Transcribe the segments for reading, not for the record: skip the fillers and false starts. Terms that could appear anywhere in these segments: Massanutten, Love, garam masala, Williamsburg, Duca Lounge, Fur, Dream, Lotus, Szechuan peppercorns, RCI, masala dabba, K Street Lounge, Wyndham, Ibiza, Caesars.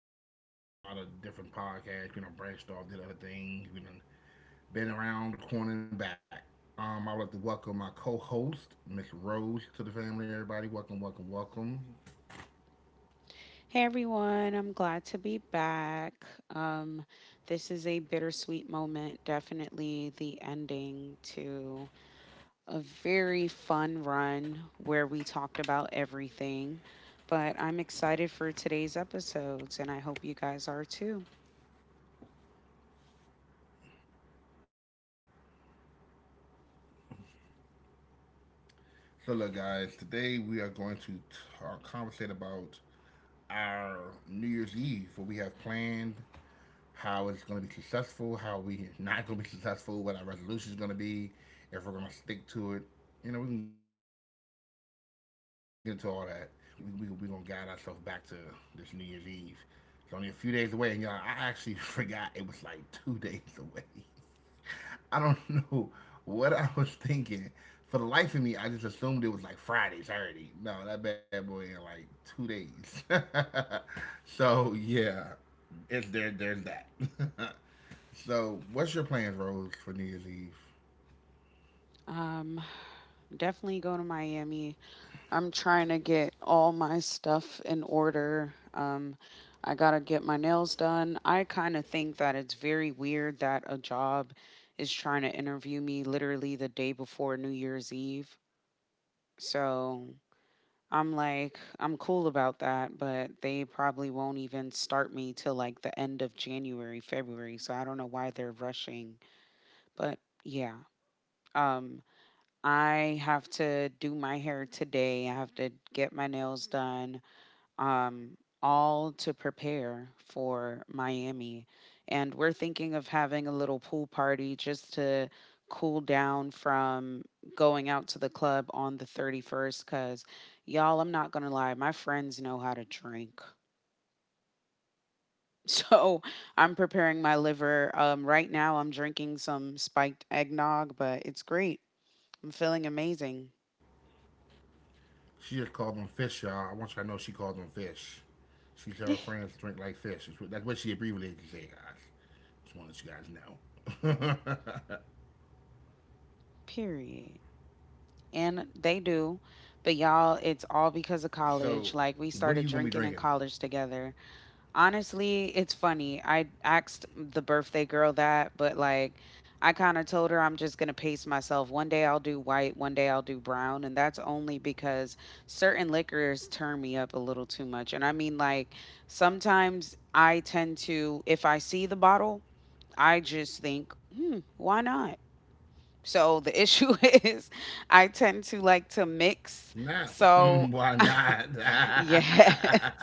It's been a while. We've had a lot of different podcasts. We done branched off, did other things. We done been around the corner and back. I would like to welcome my co-host, Miss Rose, to the family. Everybody, welcome, welcome, welcome. Hey everyone, I'm glad to be back. Um, this is a bittersweet moment, definitely the ending to a very fun run where we talked about everything. But I'm excited for today's episodes, and I hope you guys are too. So, look, guys, today we are going to conversate about our New Year's Eve, what we have planned, how it's going to be successful, how we not going to be successful, what our resolution is going to be, if we're going to stick to it. You know, we can get into all that. We may branch out here and there about other topics here and there, but we're going to stick. We're going to guide ourselves back to this New Year's Eve. It's only a few days away, and y'all, I actually forgot it was like two days away. I don't know what I was thinking. For the life of me, I just assumed it was like Friday, Saturday. No, that bad boy in like 2 days. So yeah, it's there. There's that. So what's your plans, Rose, for New Year's Eve? Um, Definitely go to Miami. I'm trying to get all my stuff in order. I gotta get my nails done. I kind of think that it's very weird that a job is trying to interview me literally the day before New Year's Eve. So I'm like, I'm cool about that, but they probably won't even start me till like the end of January, February. So I don't know why they're rushing. But yeah, um, I have to do my hair today. I have to get my nails done, um, all to prepare for Miami. And we're thinking of having a little pool party just to cool down from going out to the club on the 31st. Because, y'all, I'm not going to lie, my friends know how to drink. So I'm preparing my liver. Right now, I'm drinking some spiked eggnog, but it's great. I'm feeling amazing. She just called them fish, y'all. I want y'all to know she called them fish. She said her friends drink like fish. She abbreviated to say, guys. Just want to let you guys know. Period. And they do. But y'all, it's all because So, of what college. are you Like, gonna be we drinking? started drinking in college together. Honestly, it's funny. I asked the birthday girl that, but like, I kind of told her I'm just going to pace myself. One day I'll do white, one day I'll do brown, and that's only because certain liquors turn me up a little too much. And I mean, like, sometimes I tend to, if I see the bottle, I just think, "Hmm, why not?" So the issue is I tend to like to mix. No, So why not? yeah,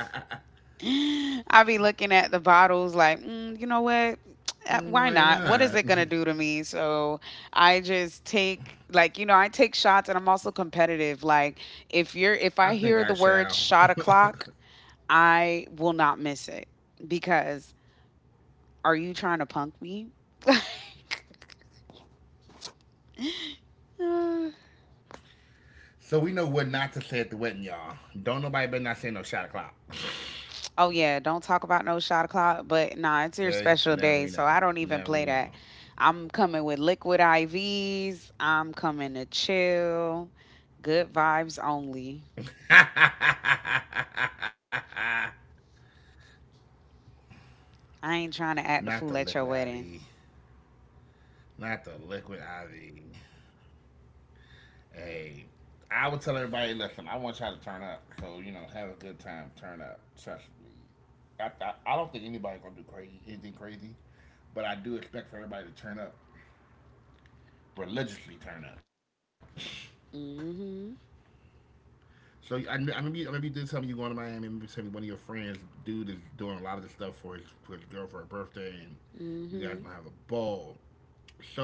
I be looking at the bottles like, mm, you know what? Why Why not? What not? is it gonna do to me? So I just take, like, I take shots, and I'm also competitive. Like, if I I think hear I the word shall. shot o'clock, I will not miss it, because are you trying to punk me? So we know what not to say at the wedding, y'all. Don't nobody better not say no shot o'clock. Oh yeah, don't talk about no shot o'clock. But nah, it's your Okay, special now we day, know. so I don't Now even we play know. that. I'm coming with liquid IVs. I'm coming to chill. Good vibes only. I ain't trying to act Not the the fool liquid at your IV. wedding. Not the liquid IV. Hey, I would tell everybody, listen, I want y'all to turn up. So you know, have a good time. Turn up. Trust me. I don't think anybody's gonna do crazy anything crazy, but I do expect for everybody to turn up religiously. Turn up. Mm-hmm. So I I remember you did tell me you going to Miami. I remember you telling me one of your friends, dude, is doing a lot of this stuff for for his girl for her birthday, and you guys Mm-hmm. gonna have a ball.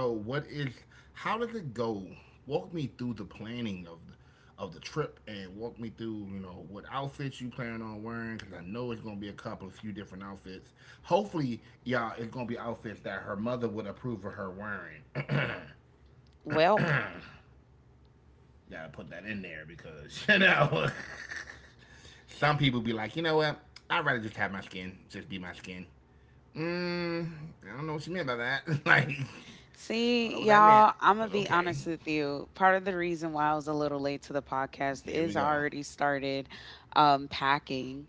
So what is how does it go? Walk me through the planning of the trip and walk me through, you know, what outfits you plan on wearing cuz I know it's going to be a couple of few different outfits. Hopefully, y'all it's going to be outfits that her mother would approve of her wearing. Welp. Got to put that in there because, you know, some people be like, "You know what? I'd rather just have my skin, just be my skin." Mmm, I don't know what she meant by that. Like, I don't know See, what that meant, y'all, I'm gonna but be okay. honest with you. Part of the reason why I was a little late to the podcast Here we is I go. already started packing.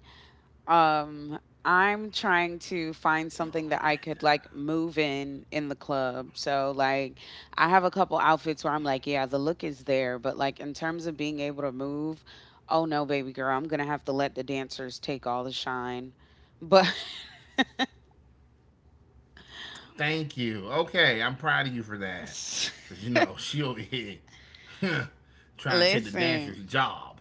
Um, I'm trying to find something that I could, like, move in the club. So, like, I have a couple outfits where I'm like, yeah, the look is there, but like in terms of being able to move, oh no, baby girl, I'm going to have to let the dancers take all the shine. But Thank you. Okay, I'm proud of you for that. Cause you know she over here trying to take the listen, dancer's job,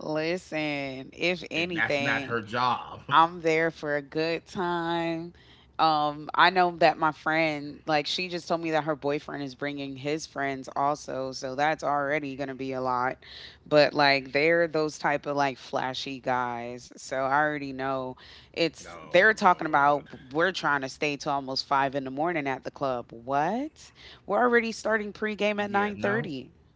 listen, if and that's not anything, her job. I'm there for a good time. I know that my friend, like, she just told me that her boyfriend is bringing his friends also, so that's already gonna be a lot. But like, they're those type of, like, flashy guys, so I already know it's. They're Oh talking about, Lord. we're trying to stay till almost 5 in the morning at the club. What? We're already starting pregame at nine Yeah. thirty. No.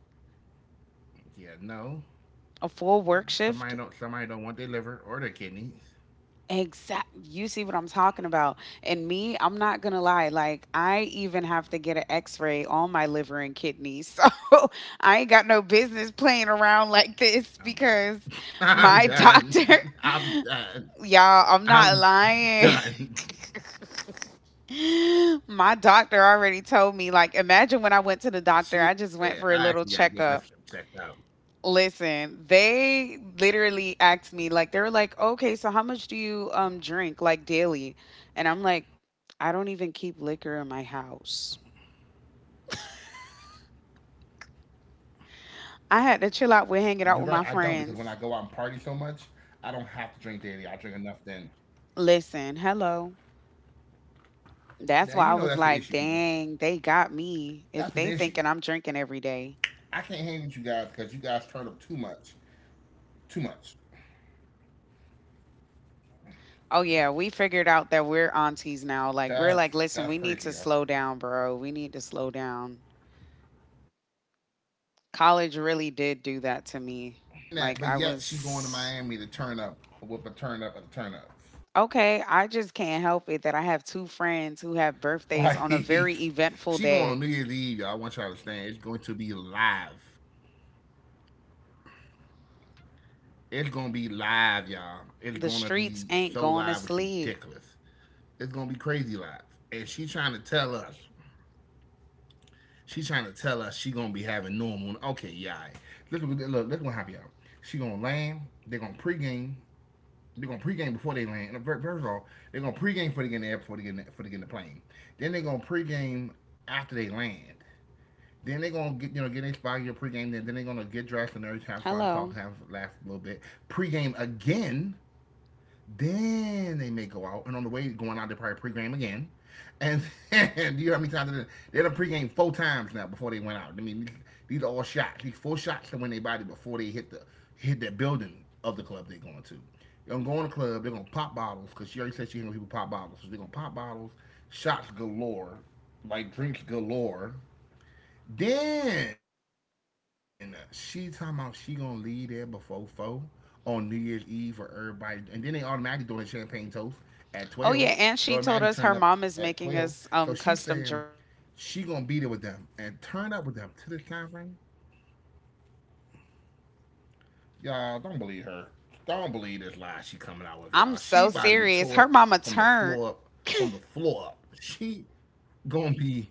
Yeah. No. A full work shift. Somebody don't want their liver or their kidneys. Exact. You see what I'm talking about. And me, I'm not gonna lie. Like, I even have to get an X-ray on my liver and kidneys. So I ain't got no business playing around I'm like this done. I'm because done. my I'm doctor, done. y'all, I'm I'm not done. lying. My doctor already told me. Like, imagine, when I went to the She. doctor, I just went Yeah. for a I little actually gotta get checkup. myself checked out. Listen, they literally asked me, like, they were like, "Okay, so how much do you drink, like, daily?" And I'm like, "I don't even keep liquor in my house." I had to chill You're out right. with I hanging out don't with because my when I go out and friends. party so much, I don't have to drink daily. I drink enough then. Listen, hello. Now you know That's why that's I the was issue, people. like, "Dang, they got me That's an if they issue. thinking I'm drinking I can't every hang with you day." guys because you guys turn up too much, too much. Oh yeah, we figured out that we're aunties now. Like, That's we're like, that's "Listen, we crazy, need to y'all. slow down, bro. We need to slow down." College really did do that to me. Like I was She's saying that, but yet she going to Miami to turn up with a Okay, I turn up at a just turn can't up. help it that I have two Like friends who have birthdays she on a going on New very Year's Eve, eventful y'all. I want y'all to day. understand. It's going to be live. It's gonna be live, y'all. It's gonna The be streets so ain't live. going It's to sleep. ridiculous. It's gonna be crazy live, and she trying to tell us she gonna be having normal. Okay, yeah. All right. Look, look, what happened, y'all. She gonna land. They gonna pregame. They gonna pregame before they land. And first of all, they gonna pregame for they get in the air before they get before they get in the plane. Then they gonna pregame after they land. Then they gonna get in spot your pregame. Then they gonna get dressed and everything, have fun, talk, Hello. have laugh a little bit. Pregame again. Then they may go out, and on the way going out, they probably pregame again. And then, do you know how many times they done pregame 4 times now before they went out? I mean, these are all shots. These 4 shots to win their body before they hit the building of the club they're going to. They're gonna go in the club. They're gonna pop bottles because she already said she ain't gonna people pop bottles. So they're gonna pop bottles, shots galore, like drinks galore. Then she talking about she gonna leave there before 4 on New Year's Eve for everybody, and then they automatically doing a champagne toast at 12. They Oh automatically yeah, turn and up she told us at her mom 12. is So making she's us saying custom drinks. she gonna be there with them and turn up with them to this time frame. Y'all don't believe her. Don't believe this lie she coming out with y'all. I'm She so about to be tore serious. up Her mama from the turned. floor up. From the floor up. Gonna be.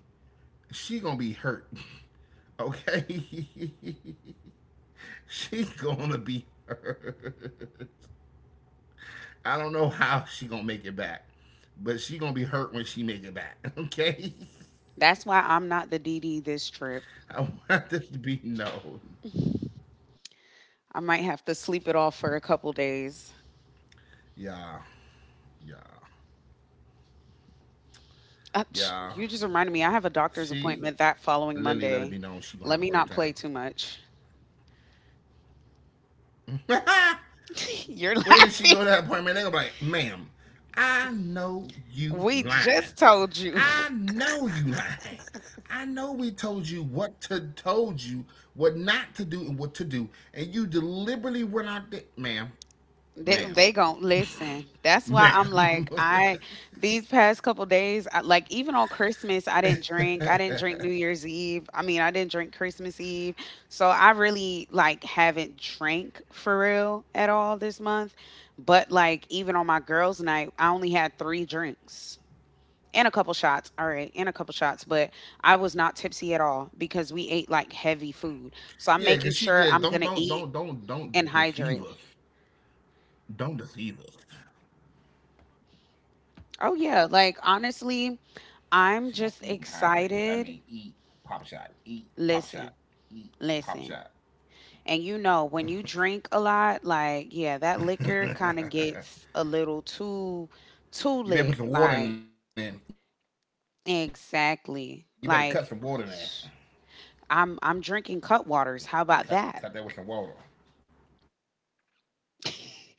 She gonna be hurt. Okay. She's gonna be hurt. I don't know how she gonna make it back, but she gonna be hurt when she make it back. Okay. That's why I'm not the DD this trip. I want this to be known. I might have to sleep it off for a couple days. Yeah, yeah, yeah. Psh, you just reminded She, me I have a doctor's Lily, appointment let it be that known she following gonna have a great Monday. time. Let me not play too much. Where did she go to You're that appointment? They're laughing. gonna be like, ma'am, I know you lying. We just told I you. know you lying. I know we told you what to told you what not to do and what to do, and you deliberately went out there, ma'am, They ma'am, they gon' listen. That's why I'm ma'am. like, I these past couple days, I, like, even on Christmas, I didn't drink. I didn't drink New Year's Eve. I mean, I didn't drink Christmas Eve. So I really, like, haven't drank for real at all this month. But like, even on my girls' night, I only had three drinks and a couple shots. All right, and a couple shots, but I was not tipsy at all because we ate like heavy food. So I'm Yeah, making cause she sure yeah I'm gonna eat and don't deceive hydrate. us. Don't deceive us. Oh yeah, like, honestly. I'm She gonna just eat and hydrate. That excited. mean eat pop shot, Listen, eat pop listen. shot. And when you drink a lot, like, yeah, that liquor kind of gets a little too, You better put lit. some water in Like, it. You better cut some water in there. exactly. Like, Cut that with some I'm water. I'm drinking cut waters. How about that?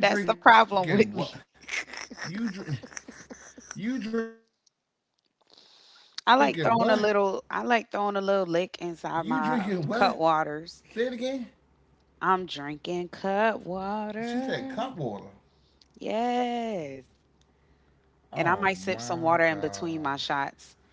That's the problem with You me. drinking what? You drink? You drinking what? I You like throwing a drinking what? little I like throwing a Say it little again. lick inside my cut waters. She said I'm cup water. drinking cut water. Oh Yes. my And I god! might sip some water in between I my cannot shots, believe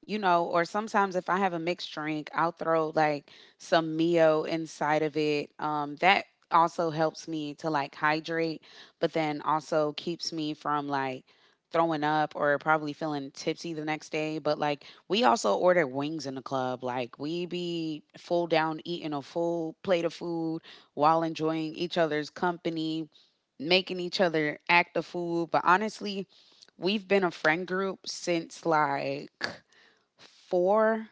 or sometimes if I have a mixed drink, I'll throw like some Mio inside of it. That also helps me to, like, hydrate, but then also keeps me from, like, throwing up or probably feeling tipsy the next day. But like, we also order wings in the club. Like, we be full down eating a full plate of food while enjoying each other's company, making each other act the fool. But honestly, we've been a friend group since like 4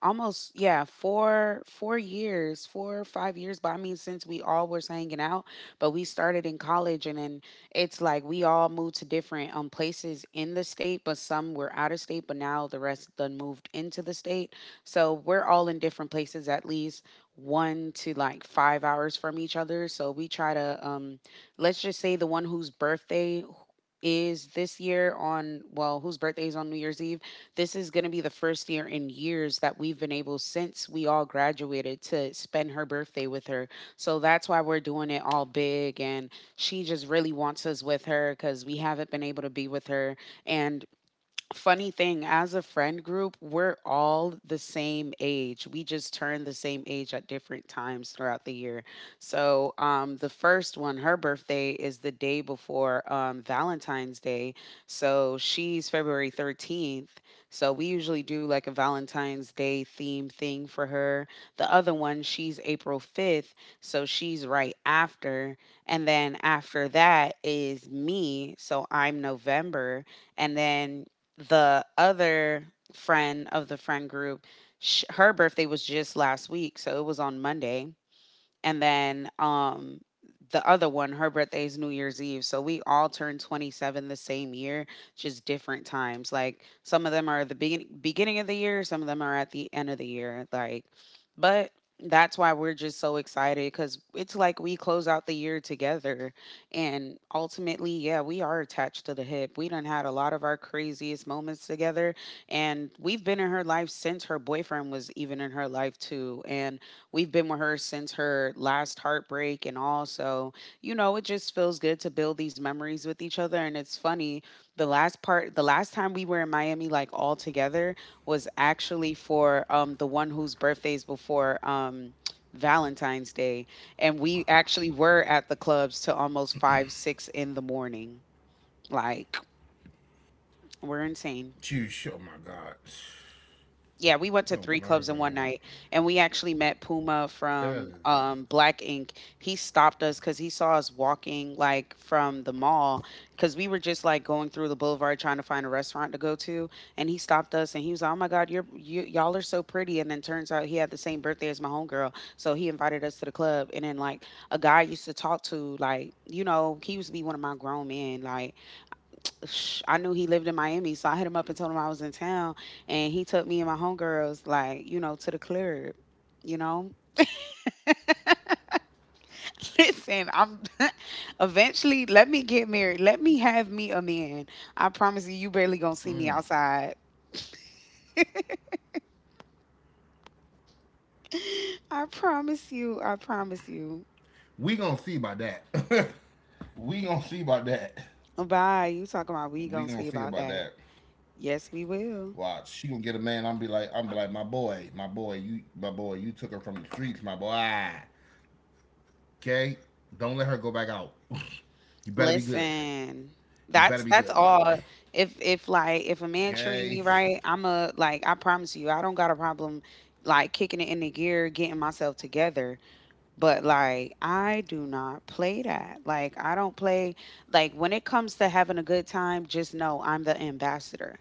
almost yeah 4 4 years 4 or 5 years. But I mean, since we all was hanging out, but we started in college. And then it's like, we all moved to different places in the state, but some were out of state. But now the rest done moved into the state, so we're all in different places, at least one to like 5 hours from each other. So we try to, let's just say, the one whose birthday is this year on, well, whose birthday is on New Year's Eve, this is going to be the first year in years that we've been able, since we all graduated, to spend her birthday with her. So that's why we're doing it all big. And she just really wants us with her because we haven't been able to be with her. And funny thing, as a friend group, we're all the same age. We just turn the same age at different times throughout the year. So, the first one, her birthday is the day before, Valentine's Day, so she's February 13th. So we usually do like a Valentine's Day theme thing for her. The other one, she's April 5th, so she's right after. And then after that is me, so I'm November. And then the other friend of the friend group, her birthday was just last week, so it was on Monday. And then, the other one, her birthday is New Year's Eve, so we all turned 27 the same year. Just different times, like, some of them are the beginning of the year, some of them are at the end of the year. Like, but that's why we're just so excited, because it's like, we close out the year together. And ultimately, yeah, we are attached to the hip. We done had a lot of our craziest moments together, and we've been in her life since her boyfriend was even in her life too. And we've been with her since her last heartbreak and all. So, it just feels good to build these memories with each other. And it's funny, the last part, the last time we were in Miami, like, all together, was actually for, the one whose birthday is before. Valentine's Day, and we actually were at the clubs to almost 5, 6 in the morning. Like, we're insane. you. Oh my god! Yeah, we went to 3 Oh clubs in one my night, god! and we actually met Puma from, That is. Black Ink. He stopped us because he saw us walking, like, from the mall, because we were just, like, going through the boulevard trying to find a restaurant to go to, and he stopped us, and he was, like, "Oh my god, you're you y'all are so pretty," and then turns out he had the same birthday as my homegirl, so he invited us to the club, and then, like, a guy I used to talk to, like, you know, he used to be one of my grown men, like, I knew he lived in Miami, so I hit him up and told him I was in town, and he took me and my homegirls, like, to the club. You know, listen, I'm eventually let me get married. Let me have me a man. I promise you, Mm. you barely gonna see me outside. I promise you. I promise you. We gonna see about that. We gonna see about that. Bye. You talking about we We gonna gonna see see about about that? that. Yes, we will. Watch, she gonna get a man. I'm be like, my boy, my boy, you took her from the streets, my boy. Okay, don't let her go back out. You better be good. Listen, You that's better be that's good, my all. boy. If like if a man treat me Gay right, I'm a like I promise you, I don't got a problem like kicking it in the gear, getting myself together. But like I do not play that. Like I don't play like when it comes to having a good time, just know I'm the ambassador.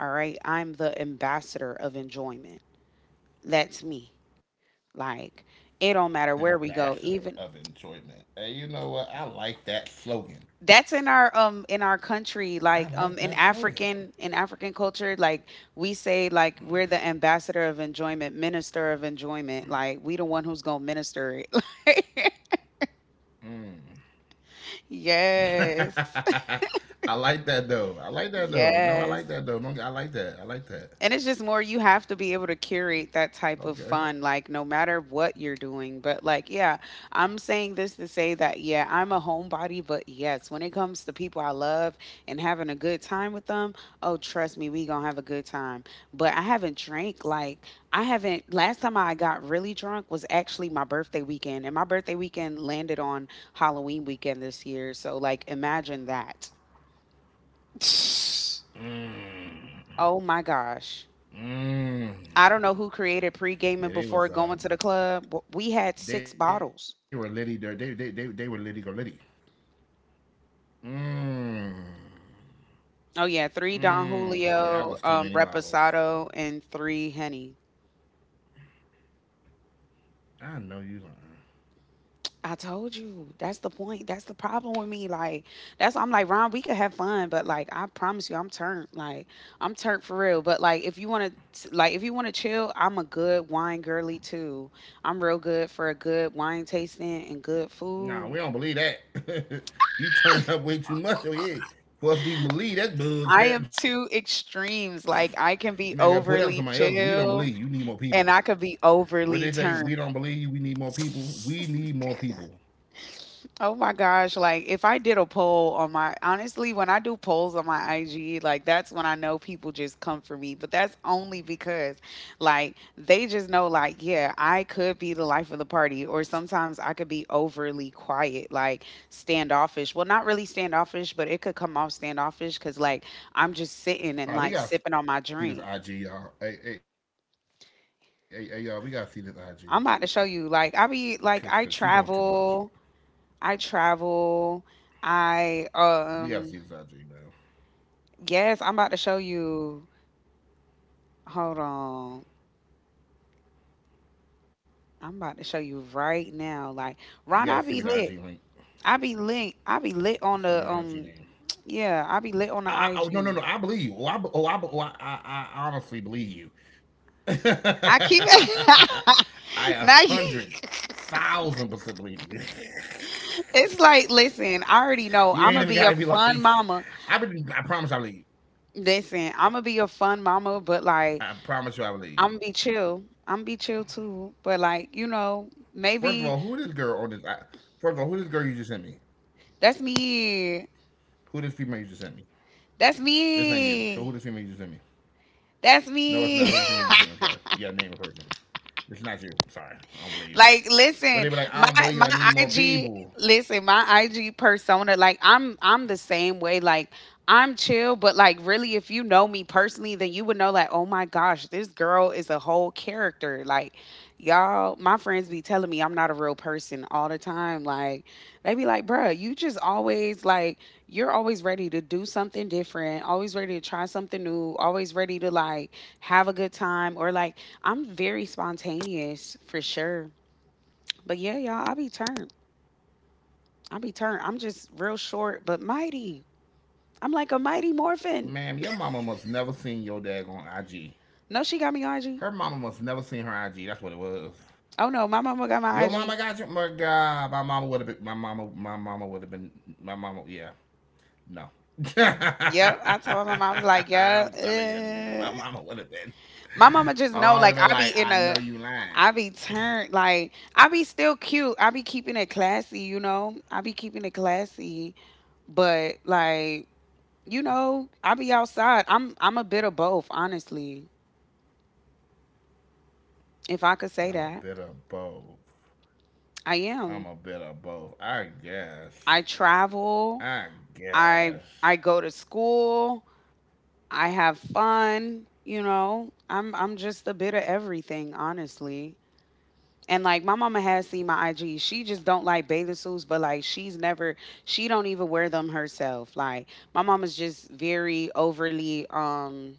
All right? I'm the ambassador of enjoyment. That's me. Like it don't matter where ambassador we go, of even enjoyment. Hey, you know what? I like that slogan. that's in our I country, like like that in slogan. african culture, like we say, like we're the ambassador of enjoyment, minister of enjoyment, like we the one who's gonna minister it. Mm. Yes. I like that though. I like that though. No, I like Yes. that though. No, I like that. I like that. And it's just more you have to be able to curate that type of Okay. fun, like no matter what you're doing. But like, yeah, I'm saying this to say that, yeah, I'm a homebody, but yes, when it comes to people I love and having a good time with them, oh, trust me, we gonna have a good time. But I haven't drank, like, I haven't. Last time I got really drunk was actually my birthday weekend. And my birthday weekend landed on Halloween weekend this year. So like imagine that. Oh Mm. my gosh. I Mm. don't know who created pre-gaming before Yeah, going to the club. We had six they were bottles. litty. They were litty go litty. Mmm. Oh yeah, three Don Mmm. Yeah, that Julio, was too many bottles. Reposado, and three Henny. I know you lying. I told you that's the point. That's the problem with me. Like that's I'm like, Ron, we could have fun, but like I promise you, I'm turned. Like I'm turned for real. But like if you want to, like if you want to chill, I'm a good wine girly too. I'm real good for a good wine tasting and good food. Nah, we don't believe that. You turned up way too much over here for us to even believe I that am bull two crap. extremes. You man Like got pulled I out with can be somebody else. We don't overly believe you. Need more chill, people. and I could be What they say? We overly don't believe turned. you. We need more people. We need more people. Oh my gosh, like if I did a poll on my, honestly, when I do polls on my IG, like that's when I know people just come for me. But that's only because like they just know, like, yeah, I could be the life of the party, or sometimes I could be overly quiet, like standoffish. Well, not really standoffish, but it could come off standoffish because like I'm just sitting All and right, we like gotta see this sipping on my IG, y'all. drink. Hey, y'all, we gotta see this IG, cause I'm she about doing to too show you, much. like I be like I travel. I We travel. gotta see this IG, I man. Yes, I'm about to show you. Hold on. I'm about to show you You gotta right send me the now. IG Like link. Ron, I be lit. I be Send me the lit. IG I be name. lit on the Oh no yeah, no no! I be I lit believe on the you. IG. I honestly believe you. I I keep a hundred now you thousand percent believe you. it's like, listen, You I ain't even already gotta know be I'm gonna like. be a fun I mama. been. I promise I believe. Listen, I'm gonna be a fun mama, but I like promise you I believe. You. I'm gonna be chill. I'm gonna be chill too. But like, you know, First of maybe. all, who this girl on this? First of all, who this girl you just sent me? That's me. Who this female you just sent me? That's This ain't you. So who me. this female you just sent me? That's No, it's not. me. Who the female you just sent me? I'm sorry. You gotta name a person. It's not you. Sorry, I don't believe you. Like, When listen, they be like, my I don't believe you, my I need more IG, people. listen, my IG persona, like I'm the same way. Like I'm chill, but like really, if you know me personally, then you would know, like, oh my gosh, this girl is a whole character. Like y'all, my friends be telling me I'm not a real person all the time. Like they be like, bruh, you just always like you're always ready to do something different, always ready to try something new, always ready to like have a good time or like I'm very spontaneous for sure. But yeah, y'all, I be turned. I be turned. I'm just real short but mighty. I'm like a mighty morphin. Ma'am, your mama must never seen your dad on IG. No, she got me IG. Her mama must never seen her IG. That's what it was. Oh no, my mama got my Your mama IG. got your My god, my mama would have been my mama would have been my mama, yeah. No. Yep, I told my mom, I was like, yeah. I'm telling you, my mama would have been. My mama just My know mama would like have been like, I know you I lying. be turned like I be still cute. I be keeping it classy, you know. I be keeping it classy, but like you know, I be outside. I'm a bit of both, honestly. If I could say that, I'm a bit of both. I am. I'm a bit of both, I I guess. travel. I I guess. go to school, I have fun, you know. I'm just a bit of everything, honestly. And like my mama has seen my IG. She just don't like bathing suits, but like she's never, she don't even wear them herself. Like my mama's just very overly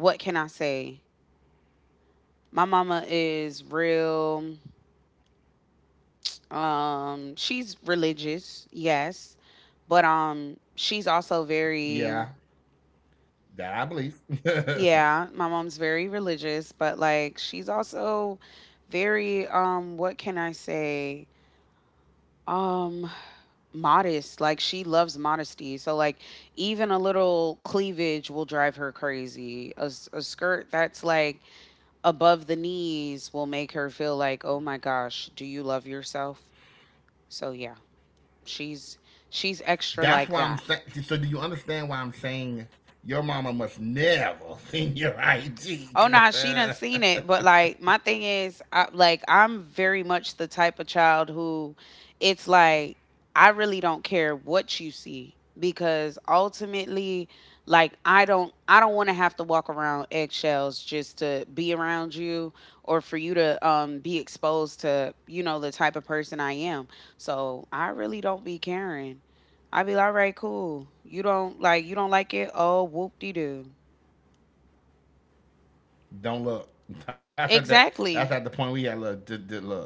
what can I say? My mama is real, she's religious, yes. But she's also Yeah, very. that I believe. Yeah, my mom's very religious, but like she's also very what can I say? Um Modest. Like she loves modesty. So like even a little cleavage will drive her crazy. A, a skirt that's like above the knees will make her feel like, "Oh my gosh, do you love yourself?" So yeah, she's she's extra That's like why I'm that. saying. So, do you understand why I'm saying your mama must never seen your Oh IG? nah, she done uh, seen it. But like my thing is, I, like I'm very much the type of child who, it's like I really don't care what you see because ultimately, like I don't want to have to walk around eggshells just to be around you or for you to be exposed to, you know, the type of person I am. So I really don't be caring. I be like, all right, cool. You don't like it. Oh, whoop de doo. don't look. That's at the Exactly. Point we had look. Just look.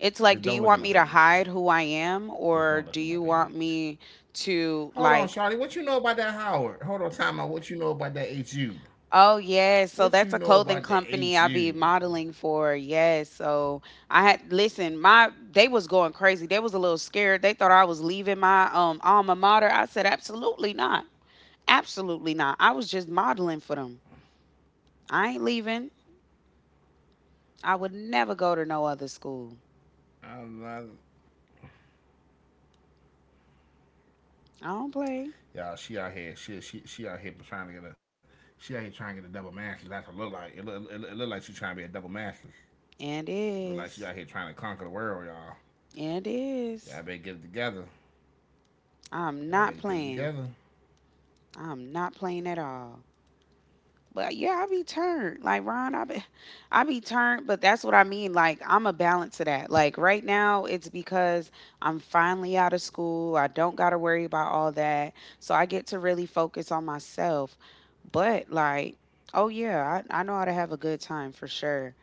It's like, Just do you don't look want at my me to page. hide who I am, Just or don't do look at my you want page. me to Hold on, like, Charlie. What you know about that Howard? Hold on, time out. What you know about that HU? oh yeah, so that's What a you know clothing about the company I be HU? modeling for. Yes. So I had, listen, my they was going crazy. They was a little scared. They thought I was leaving my alma mater. I said, absolutely not. Absolutely not. I was just modeling for them. I ain't leaving. I would never go to no other school. I'm not- I don't play. Y'all, she out here. She out here trying to get a. She out here trying to get a double masters. That's what it look like. It look like she trying to be a double masters. And is. Look like she out here trying to conquer the world, y'all. And is. Y'all better get it together. I'm not playing. Y'all better get it together. I'm not playing at all. But yeah, I be turned. Like Ron, I be I be turned, but that's what I mean. Like I'm a balance to that. Like right now it's because I'm finally out of school. I don't gotta worry about all that. So I get to really focus on myself. But like, oh yeah, I know how to have a good time for sure,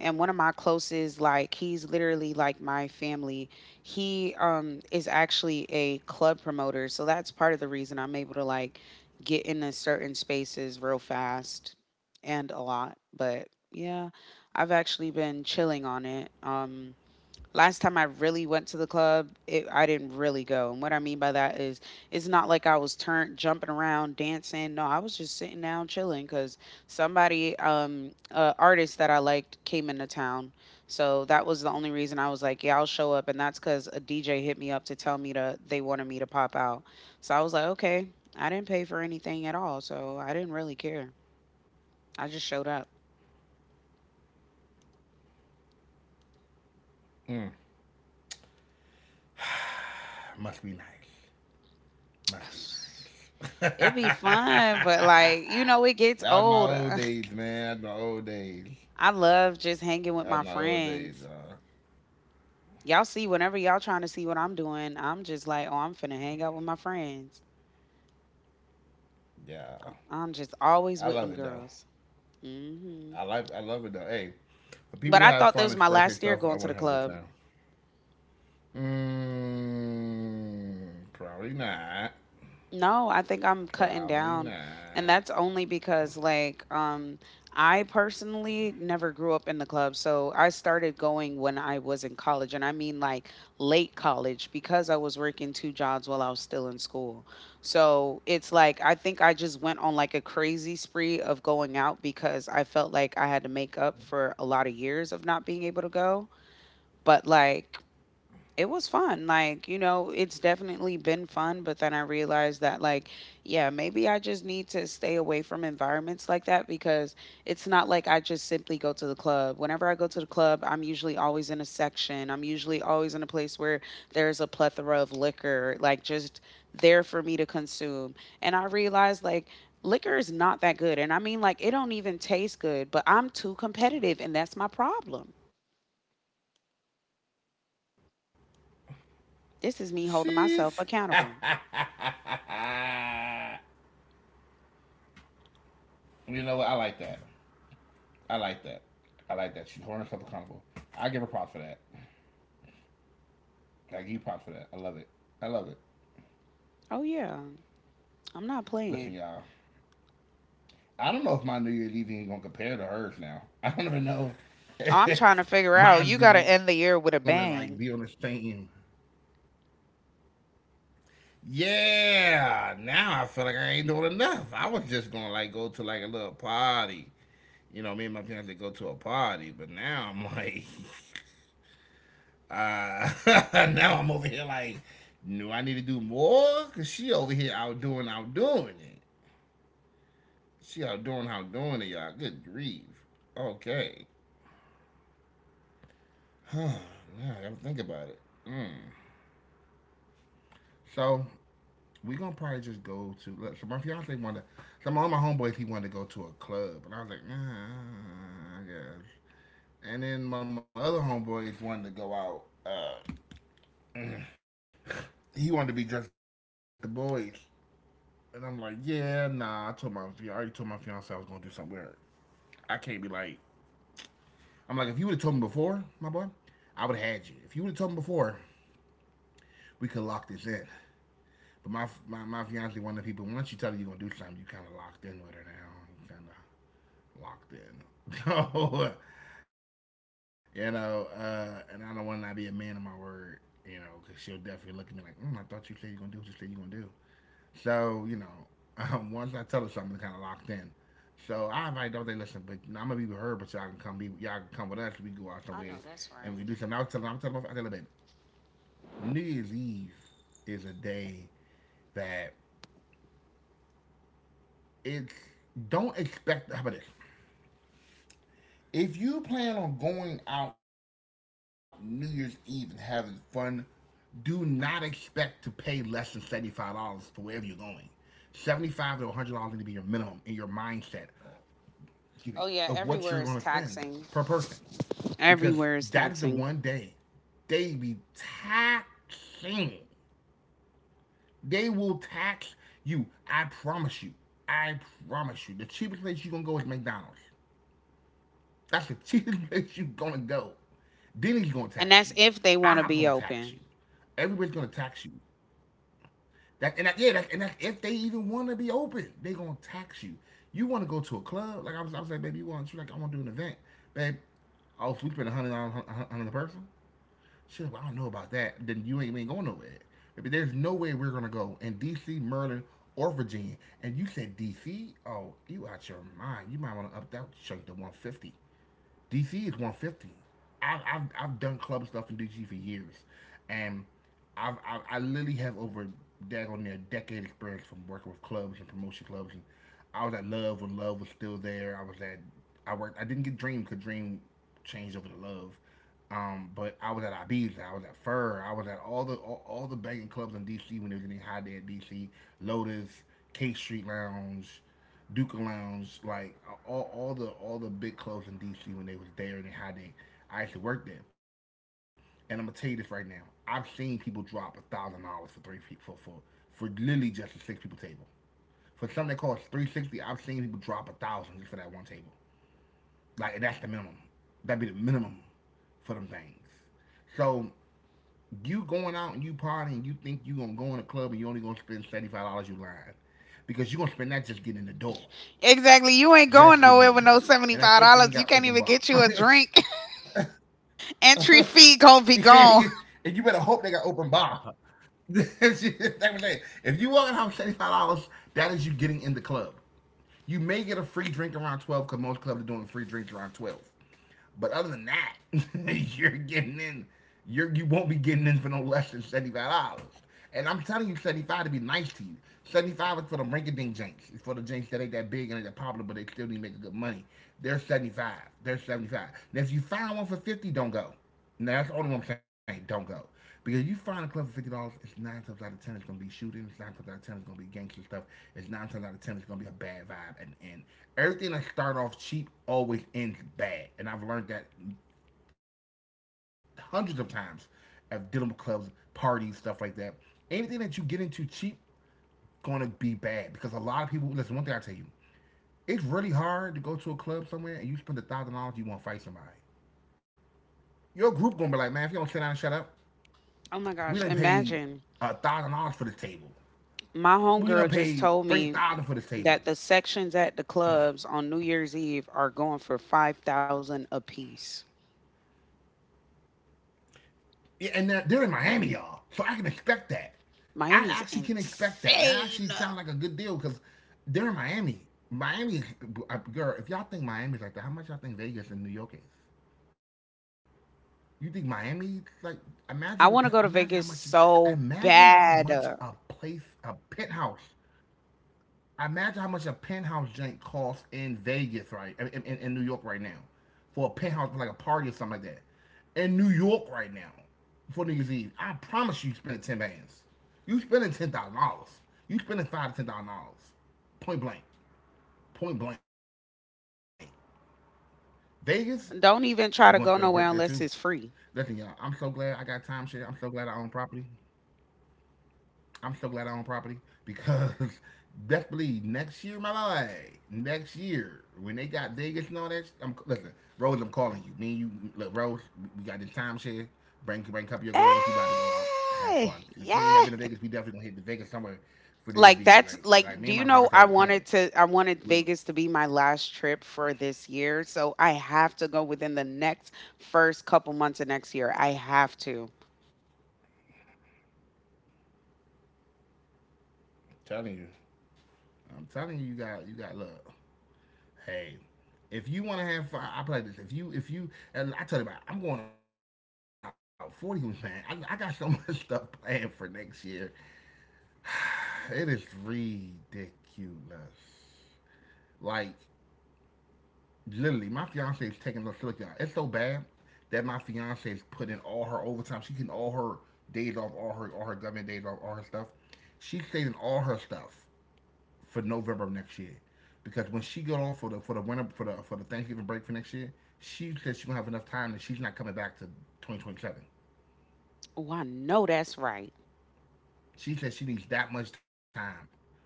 and one of my closest, like he's literally like my family, he is actually a club promoter, so that's part of the reason I'm able to like get into certain spaces real fast and a lot, but yeah, I've actually been chilling on it, last time I really went to the club, it, I didn't really go. And what I mean by that is, it's not like I was turned jumping around, dancing. No, I was just sitting down, chilling, because somebody, artist that I liked, came into town. So that was the only reason I was like, yeah, I'll show up. And that's because a DJ hit me up to tell me to they wanted me to pop out. So I was like, okay, I didn't pay for anything at all, so I didn't really care. I just showed up. Mm. Must be nice. It'd be Must be fun, but like, nice. you know, it gets That old. was my old I days, love just man. That hanging was my with old my days. friends. That was my Y'all old see, days, whenever y'all. y'all trying to see what I'm doing, I'm just like, oh, I'm finna hang out with my friends. I'm just always with them girls. Yeah, hmm I love it though. But I thought that was I my like. I last year love it going though. to the Hey, club. for people to have fun, express their stuff, I want to have a good time. No, I think Mm, I'm cutting probably down. not. And that's only because like Probably I not. personally never grew up in the club. So I started going when I was in college and I mean like late college because I was working two jobs while I was still in school. So it's like I think I just went on like a crazy spree of going out because I felt like I had to make up for a lot of years of not being able to go. But like it was fun. Like, it's definitely been fun, but then I realized that, like, yeah, maybe I just need to stay away from environments like that because it's not like I just simply go to the club. Whenever I go to the club, I'm usually always in a section, I'm usually always in a place where there's a plethora of liquor, like, just there for me to consume. And I realized, like, liquor is not that good. And I mean, like, it don't even taste good, but I'm too competitive, and that's my problem. This is me holding myself She's. accountable. You know what? I like that. I like that. I like that. She's holding herself accountable. I give her props for that. I give you props for that. I love it. I love it. Oh, yeah. I'm not playing. Listen, y'all. I don't know if my New Year's Eve is gonna compare to hers now. I don't even know I'm trying to figure out. You if got to end the year mine's even with a gonna like bang. be on the same. Yeah, now I feel like I ain't doing enough. I was just gonna like go to like a little party. You know, me and my fiance go to a party, but now I'm like, now I'm over here like, no, I need to do more, cause she over here out doing it. She out doing it, y'all. Good grief. Okay. Huh. Now I gotta think about it. Mm. So we gonna probably just go to. Look. So my fiance wanted. So my, one of my homeboys he wanted to go to a club, and I was like, nah, I guess. And then one of my other homeboys wanted to go out. Uh, he wanted to be just the boys, and I'm like, yeah, nah. I already told my fiance I was gonna do something weird. I can't be like. I'm like, if you would have told me before, my boy, I would have had you. If you would have told me before, we could lock this in. But my fiance, one of the people, once you tell her you're gonna do something, you kind of locked in with her now. You kind of locked in. So, you know, and I don't want to not be a man of my word, you know, because she'll definitely look at me like, I thought you said you're going to do what you said you're going to do. So, you know, once I tell her something, kind of locked in. So I invite them. They listen, but I'm gonna be with her, but y'all can come with us. We go out somewhere I know that's and we do right. something. I was telling, them, I was telling, my- I tell her, baby, New Year's Eve is a day that it's don't expect. How about this? If you plan on going out New Year's Eve and having fun, do not expect to pay less than $75 for wherever you're going. 75 to $100 need to be your minimum in your mindset, excuse me, Oh yeah, of what you're everywhere going is to spend taxing. per person, because Everywhere is that is the taxing, one day they be taxing. They will tax you. I promise you. I promise you. The cheapest place you're gonna go is McDonald's. That's the cheapest place you're gonna go. Denny's gonna and tax that's you. if they want to IHOP be gonna tax open. you. Everybody's gonna tax you. That and that, yeah, that, and that, if they even want to be open, they gonna tax you. You want to go to a club? Like I was like, baby, you want? She like, I want to do an event, babe. Oh, so we spend $100 on a person. She was like, well, I don't know about that. Then you ain't, we ain't going nowhere. Baby, there's no way we're gonna go in D.C., Maryland, or Virginia. And you said D.C. Oh, you out your mind. You might want to up that chunk to 150. DC is 150. I've done club stuff in DC for years, and I literally have over daggone near a decade experience from working with clubs and promotion clubs. And I was at Love when Love was still there. I was at I worked. I didn't get Dream because Dream changed over to Love. But I was at Ibiza, I was at Fur, I was at all the banging clubs in DC when they was getting high day at DC, Lotus, K Street Lounge, Duca Lounge, like all the big clubs in DC when they was there and they high day. I actually worked there, and I'm gonna tell you this right now. I've seen people drop $1,000 for three for for for literally just a six people table. For something that costs 360, I've seen people drop a thousand just for that one table. Like that's the minimum. That'd be the minimum for them things. So you going out and you partying, you think you gonna go in a club and you only gonna spend $75, you lying, because you gonna spend that just getting in the door, Exactly. You ain't going just getting nowhere in the with no door, seventy and five that's if they dollars. ain't You got can't open even bar. get you a drink. Entry fee gonna be You can't gone. get, and you better hope they got open bar. That's what I'm saying. If you walking out $75, that is you getting in the club. You may get a free drink around 12 because most clubs are doing free drinks around 12. But other than that, you're getting in. You won't be getting in for no less than $75. And I'm telling you, 75 to be nice to you. 75 is for the rinky dink jinks. It's for the jinks that ain't that big and ain't that popular, but they still need to make good money. They're 75. They're 75. Now if you find one for 50, don't go. Now that's the only one I'm saying don't go. Because you find a club for $50, it's nine times out of ten it's gonna be shootings, nine times out of ten it's gonna be gangster stuff, it's nine times out of ten it's gonna be a bad vibe at the end. Everything that start off cheap always ends bad. And I've learned that hundreds of times of dealing with clubs, parties, stuff like that. Anything that you get into cheap gonna be bad because a lot of people listen, one thing I tell you, it's really hard to go to a club somewhere and you spend $1,000 you wanna fight somebody. Your group gonna be like, man, if you don't sit down and shut up, Oh my we gosh! didn't pay Imagine $1,000 for this table. my We homegirl done just paid told three me thousand for this table. that the sections at the clubs on New Year's Eve are going for 5,000 a piece. Yeah, and they're in Miami, y'all. So I can expect that. I Miami's actually can expect that. That insane. actually sounds like a good deal because they're in Miami. Miami, girl. If y'all think Miami's like that, how much y'all think Vegas and New York is? You think Miami? Like, imagine what that. I Imagine how want to go much. to Vegas Imagine so how much a bad. Place, a penthouse I imagine how much a penthouse joint costs in Vegas, right? In New York right now. For a penthouse, for like a party or something like that. In New York right now, for New Year's Eve, I promise you spending 10 bands. You spending $10,000. You spending five to $10,000. Point blank. Point blank. Vegas, you are going to spend a grip Don't there too. even try to go nowhere Listen, unless it's y'all, I'm so free. glad I got time share. I'm so glad I own property. I'm so glad I own property because best believe next year, my boy, next year when they got Vegas and all that, I'm listen, Rose, I'm calling you. Me and you, look, Rose, we, got this timeshare. Bring a couple of your girls. We about to go out, Eh, have fun. If you ain't ever yeah. been to Vegas, we definitely gonna hit the Vegas somewhere for Like New Year's. that's Like like, do like you me and my know fiance already planning it. I wanted We are Vegas to be my last trip for this year. So I have to go within the next first couple months of next year. I have to. telling you, I'm telling you, you got love. Hey, if you want to have fun, I play this. If you, and I tell you about, it, I'm going out 40, man. I got so much stuff planned for next year. It is ridiculous. Like, literally, my fiance is taking a little look. It's so bad that my fiance is putting all her overtime. She's getting all her days off, all her government days off, all her stuff. She's saving all her stuff for November of next year, because when she got off for the winter for the Thanksgiving break for next year, she said she gonna have enough time that she's not coming back to 2027. Oh, I know that's right. She said she needs that much time,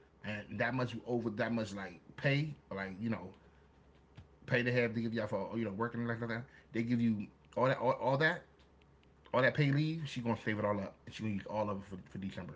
and that much over that much like pay, like you know, pay to have to give y'all for you know working and like that. They give you all that all that all that pay leave. She gonna save it all up, and she gonna use all of it for December.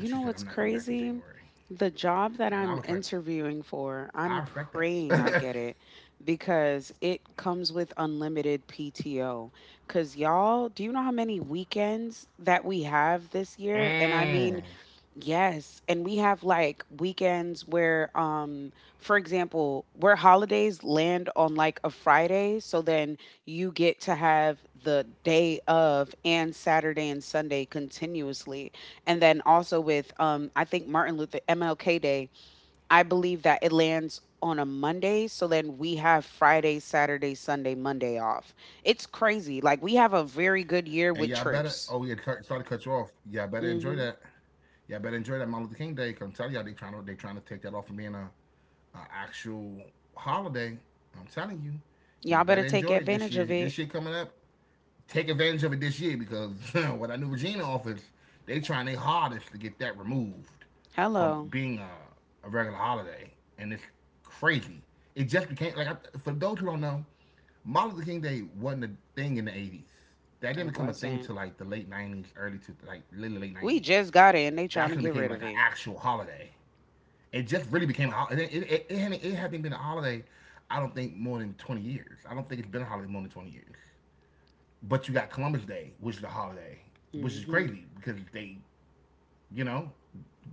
And she know said, what's "I'm not coming back to crazy? January." The job that And I I'm was like, interviewing for, "I I'm respect praying I that." get it, because it comes with unlimited PTO. Because, y'all, do you know how many weekends that we have this year? And I mean, Mm. yes, and we have like weekends where, for example, where holidays land on like a Friday, so then you get to have the day of and Saturday and Sunday continuously. And then also with, I think Martin Luther MLK Day, I believe that it lands on a Monday, so then we have Friday, Saturday, Sunday, Monday off. It's crazy. Like, we have a very And good y'all year better. with Oh, yeah, cut, trips. started to cut you off. Y'all better enjoy that. Mhm. Y'all better enjoy that Martin Luther King Day. I'm telling y'all, they trying to take that off of being a actual holiday. I'm telling you, you Y'all better better take enjoy it this advantage of year. it. This year coming up, take advantage of it this year because what I knew Regina offers, they trying their hardest to get that removed from Hello. being a regular holiday, and it's crazy. It just became like I, for those who don't know, Martin Luther King Day wasn't a thing in the '80s. That didn't It become a thing wasn't. till like the late '90s, early to like literally late We '90s. just got it and they trying That's to when it get became rid like of an it. actual holiday. It just really became a holiday. It hasn't been a holiday. I don't think more than 20 years. I don't think it's been a holiday more than 20 years, but you got Columbus Day, which is a holiday, which is Hmm. crazy because they, you know,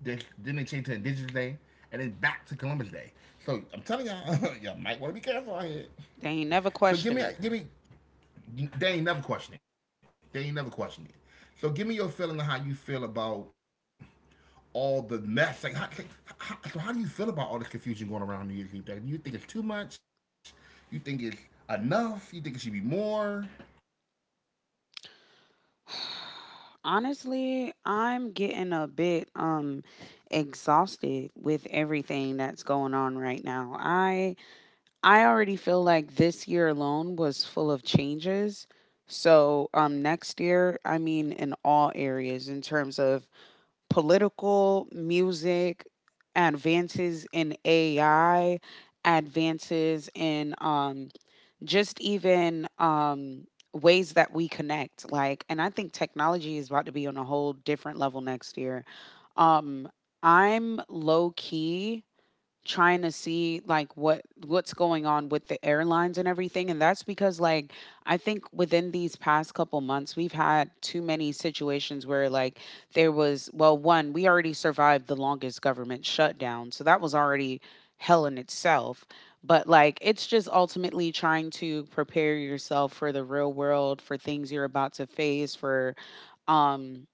they, then they changed to Indigenous Day and then back to Columbus Day. So I'm telling y'all, y'all might want to be careful out here. They ain't never question So it. give me, give me, they ain't never question it. They ain't never question it. So give me your feeling of how you feel about all the mess. Like, how, so how do you feel about all the confusion going around New Year's Eve? Like, do you think it's too much? You think it's enough? You think it should be more? Honestly, I'm getting a bit exhausted with everything that's going on right now. I already feel like this year alone was full of changes. So, next year, I mean, in all areas, in terms of political, music, advances in AI, advances in, just even, ways that we connect. Like, and I think technology is about to be on a whole different level next year. Um, I'm low key trying to see like what's going on with the airlines and everything, and that's because, like, I think within these past couple months we've had too many situations where, like, there was, well, one, we already survived the longest government shutdown, so that was already hell in itself. But like, it's just ultimately trying to prepare yourself for the real world, for things you're about to face, for, um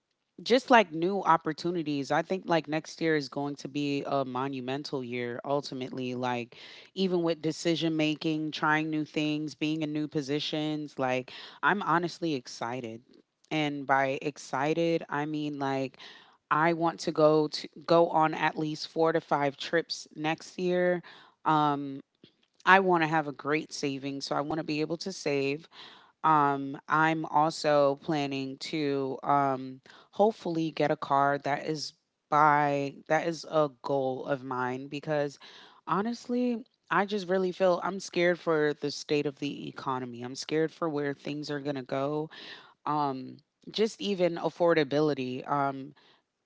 just like, new opportunities. I think, like, next year is going to be a monumental year, ultimately, like, even with decision making, trying new things, being in new positions. Like, I'm honestly excited, and by excited, I mean, like, I want to go on at least 4 to 5 trips next year. um I want to have a great savings, so I want to be able to save. I'm also planning to, hopefully get a car, that is by that is a goal of mine, because honestly, I just really feel I'm scared for the state of the economy. I'm scared for where things are gonna go. Um, just even affordability.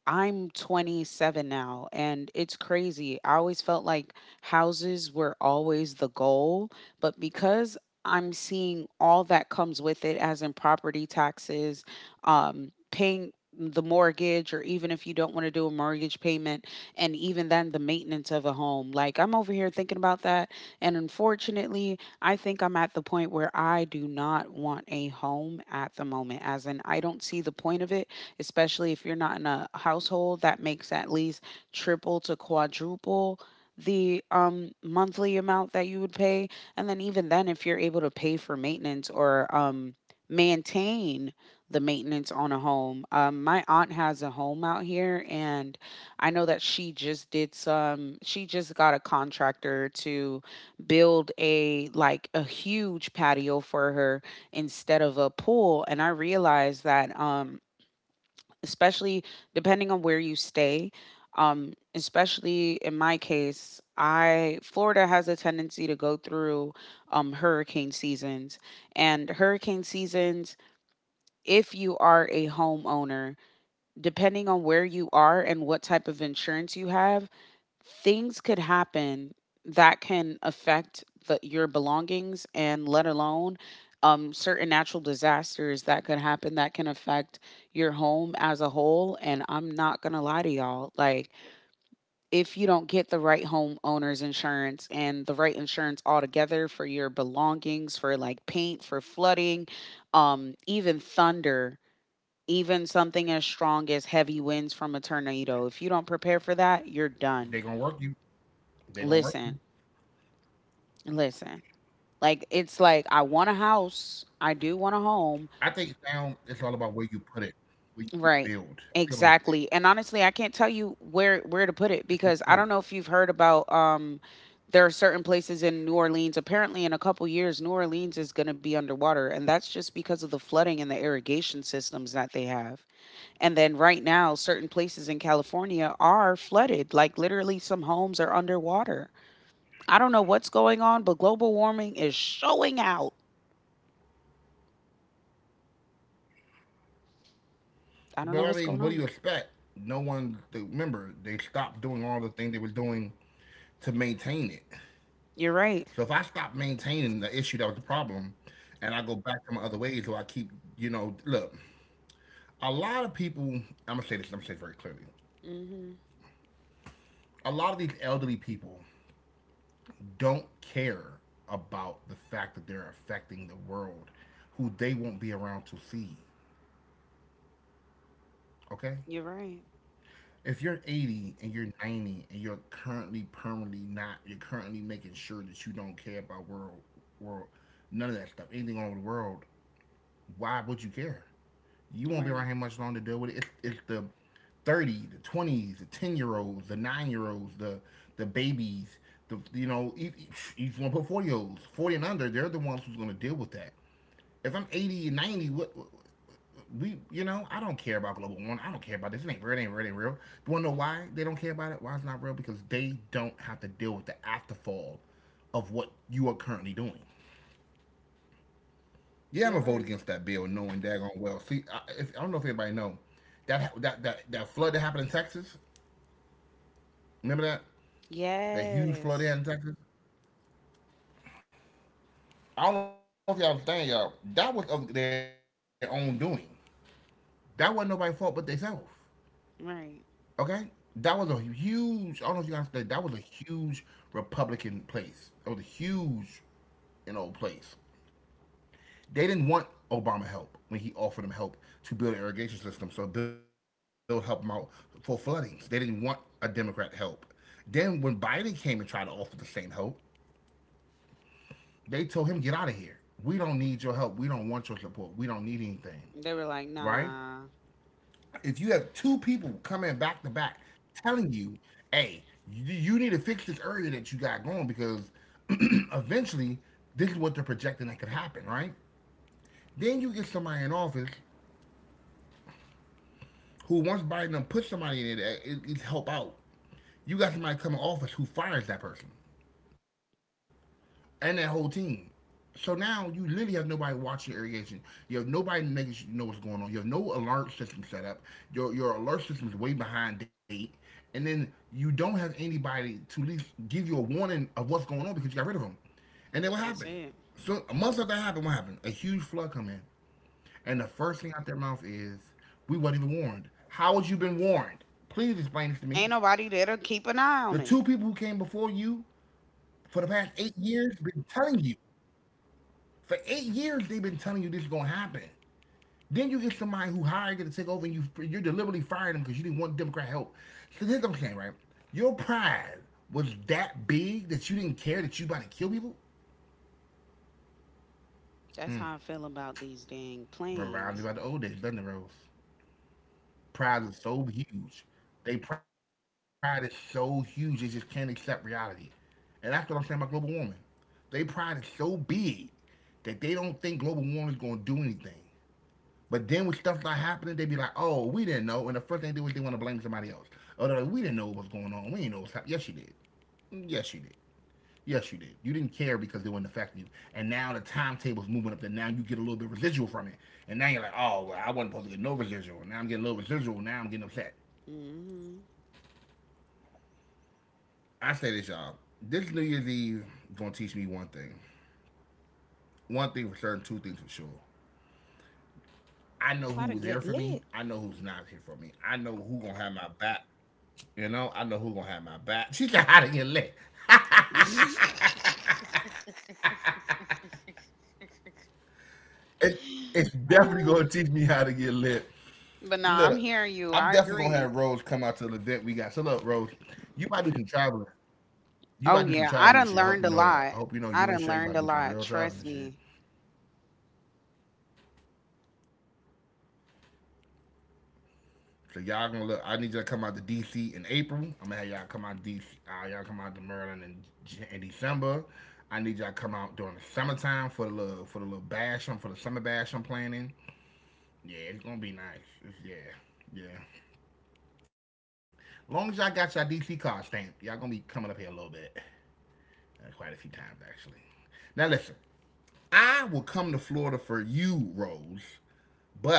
I'm 27 now, and it's crazy. I always felt like houses were always the goal, but because I'm seeing all that comes with it, as in property taxes, paying the mortgage, or even if you don't want to do a mortgage payment, and even then the maintenance of a home. Like, I'm over here thinking about that, and unfortunately, I think I'm at the point where I do not want a home at the moment, as in, I don't see the point of it, especially if you're not in a household that makes at least triple to quadruple the monthly amount that you would pay. And then even then, if you're able to pay for maintenance, or maintain the maintenance on a home. My aunt has a home out here, and I know that she just got a contractor to build a, like, a huge patio for her instead of a pool. And I realized that, especially depending on where you stay. Especially in my case, I, Florida has a tendency to go through, hurricane seasons, and hurricane seasons, if you are a homeowner, depending on where you are and what type of insurance you have, things could happen that can affect your belongings, and let alone, certain natural disasters that could happen that can affect your home as a whole. And I'm not gonna lie to y'all, like, if you don't get the right homeowners insurance and the right insurance altogether for your belongings, for like paint, for flooding, even thunder, even something as strong as heavy winds from a tornado, if you don't prepare for They that, gonna you're work you. done. They gonna work you. Listen. Listen, like, it's like I want a house. I do want a home. I think sound it's all about where you put it, where you Right. build. I think about where you Exactly. build. And honestly, I can't tell you where to put it, If because you I don't know build, if you've heard about, there are certain places in New Orleans. Apparently, in a couple years, New Orleans is going to be underwater, and that's just because of the flooding and the irrigation systems that they have. And then right now, certain places in California are flooded. Like, literally, some homes are underwater. I don't know what's going on, but global warming is showing out. but I I don't know mean, what's what do you going on. expect? No one. Remember, they stopped doing all the things they were doing to maintain it. You're right. So if I stop maintaining the issue that was the problem, and I go back to my other ways, or I keep, you know, look, a lot of people. I'm gonna say this. I'm gonna say it very clearly. Hmm. A lot of these elderly people don't care about the fact that they're affecting the world, who they won't be around to see. Okay. You're right. If you're 80 and you're 90 and you're currently permanently not, you're currently making sure that you don't care about world, none of that stuff, anything on the world, why would you care? You You're won't be around right. here much longer to deal with it. It's the 30, the 20s, the 10-year olds, the 9-year olds, the babies, the you know, each one put 40-year olds, 40 and under, they're the ones who's going to deal with that. If I'm 80, 90, what we you know, I don't care about global warming. I don't care about this. It ain't real. It ain't real. It ain't real. You want to know why they don't care about it? Why it's not real? Because they don't have to deal with the afterfall of what you are currently doing. Yeah, I'm You're gonna vote right. against that bill, knowing daggone well. See, I, if, I don't know if anybody know that that flood that happened in Texas. Remember that that huge flood Yes. there in Texas. I don't know if y'all understand, y'all. That was of their own doing. That wasn't nobody's fault but themselves. Okay, Right. that was a huge. I don't know if you guys that was a huge Republican place. It was a huge, you know, place. They didn't want Obama help when he offered them help to build an irrigation system, so Bill helped them out for floodings. They didn't want a Democrat help. Then when Biden came and tried to offer the same help, they told him get out of here. We don't need your help. We don't want your support. We don't need anything, They were like, right? nah, If you have two people coming back to back telling you, hey, you need to fix this area that you got going because eventually this is what they're projecting that could happen, right? Then you get somebody in office who once Biden puts somebody in it, it's help out. You got somebody come in office who fires that person and that whole team. So now you literally have nobody watching irrigation. You have nobody making sure you know what's going on. You have no alert system set up. Your alert system is way behind date, and then you don't have anybody to at least give you a warning of what's going on because you got rid of them. And then what that's happened? it. So a month after that happened, what happened? A huge flood come in, and the first thing out their mouth is, "We wasn't even warned." How had you been warned? Please explain this to me. Ain't nobody there to keep an eye on The it. two people who came before you for the past 8 years been telling you. For 8 years, they've been telling you this is going to happen. Then you get somebody who hired you to take over, and you deliberately fired them because you didn't want Democrat help. So here's what I'm saying, right? Your pride was that big that you didn't care that you about to kill people. That's how I feel about these dang Reminds me planes. about the old days, doesn't it, Rose? Pride is so huge. They pride is so huge they just can't accept reality. And that's what I'm saying about global warming. They pride is so big that they don't think global warming is going to do anything. But then when stuff start happening, they be like, "Oh, we didn't know," and the first thing they do is they want to blame somebody else. Oh, they're like, "We didn't know what was going on. We didn't know what's happening." Yes, you did. Yes, you did. Yes, you did. You didn't care because it wasn't affecting you. And now the timetable's moving up. That now you get a little bit residual from it. And now you're like, "Oh, well, I wasn't supposed to get no residual. Now I'm getting a little residual. Now I'm getting upset." Hmm. I say this, y'all. This New Year's Eve gonna teach me one thing. One thing for certain, two things for sure. I know How to who's get here for me. lit. I know who's not here for me. I know who gonna have my back. You know, I know who's gonna have my back. She's like, how to get lit. It, it's definitely Uh, gonna teach me how to get lit. but nah, I'm Look, hearing you. I'm I definitely gonna agree. have Rose come out to the event we got. So look, Rose, you might do some traveling. You Oh might do some yeah, I traveling done this year. I hope learned you a know that. lot. I hope you know I you and done Shay learned about a to do some lot. real traveling Trust this year. me. So y'all gonna look. I need you to come out to DC in April. I'm gonna have y'all come out to DC. Y'all come out to Maryland in December. I need y'all come out during the summertime for the little bash. I'm for the summer bash I'm planning. Yeah, it's gonna be nice. It's, yeah, yeah. Long as y'all got your DC card stamp, y'all gonna be coming up here a little bit, quite a few times actually. Now listen, I will come to Florida for you, Rose,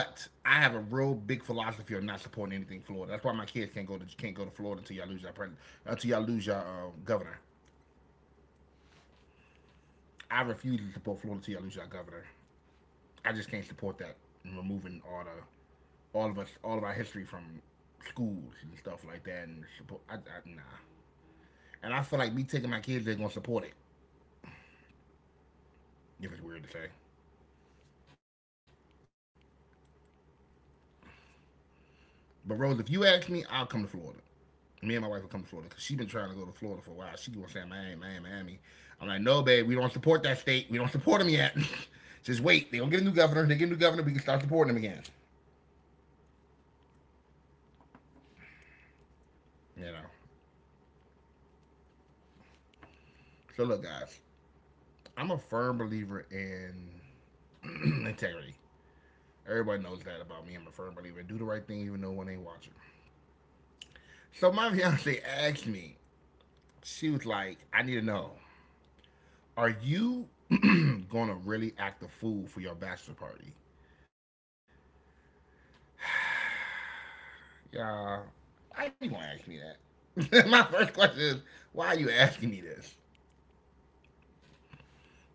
but I have a real big philosophy of not supporting anything Florida. That's why my kids can't go to Florida until y'all lose your president, until y'all lose your governor. I refuse to support Florida until y'all lose your governor. I just can't support that and removing all of our history from schools and stuff like that and support. Nah, and I feel like me taking my kids, they're gonna support it. If it's weird to say, but Rose, if you ask me, I'll come to Florida. Me and my wife will come to Florida because she's been trying to go to Florida for a while. She gonna say Miami, Miami, Miami. I'm like, no, babe, we don't support that state. We don't support them yet. Just wait. They gonna get a new governor. They get a new governor. We can start supporting them again. You know. So look, guys, I'm a firm believer in integrity. Everybody knows that about me. I'm a firm believer in do the right thing even though one ain't watching. So my fiance asked me, she was like, I need to know, are you gonna really act a fool for your bachelor party? Yeah. Why you gonna ask me that? My first question is, why are you asking me this?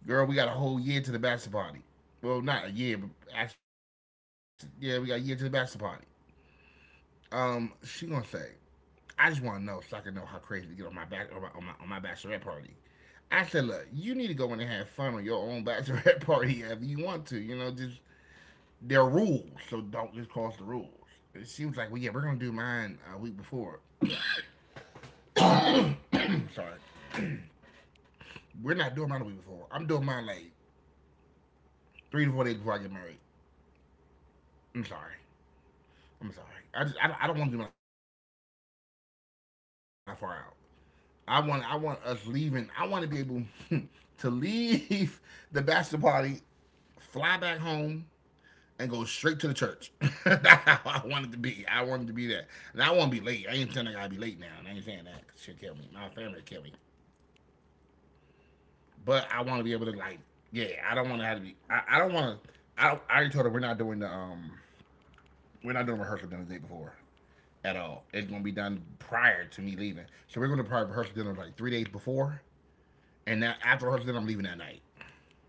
Girl, we got a whole year to the bachelor party. Well, not a year, but actually, yeah, we got a year to the bachelor party. She gonna say, I just want to know so I can know how crazy to get on my bachelorette party. I said, look, you need to go in and have fun on your own bachelorette party if you want to. You know, just there are rules, so don't just cross the rules. And she was like, well, yeah, we're gonna do mine a week before. I'm sorry, we're not doing mine a week before. I'm doing mine like 3 to 4 days before I get married. I'm sorry. I'm sorry. I don't want to do mine that far out. I want us leaving. I want to be able to leave the bachelor party, fly back home, and go straight to the church. That's how I wanted to be. I wanted to be that. And I want to be late. I ain't saying I gotta be late now. And I ain't saying that, 'cause she'll kill me. My family will kill me. But I want to be able to, like, yeah. I don't want to have to be. I don't want to. I already told her we're not doing the we're not doing rehearsal dinner the day before at all. It's gonna be done prior to me leaving. So we're gonna probably rehearsal dinner like 3 days before, and now after rehearsal dinner I'm leaving that night.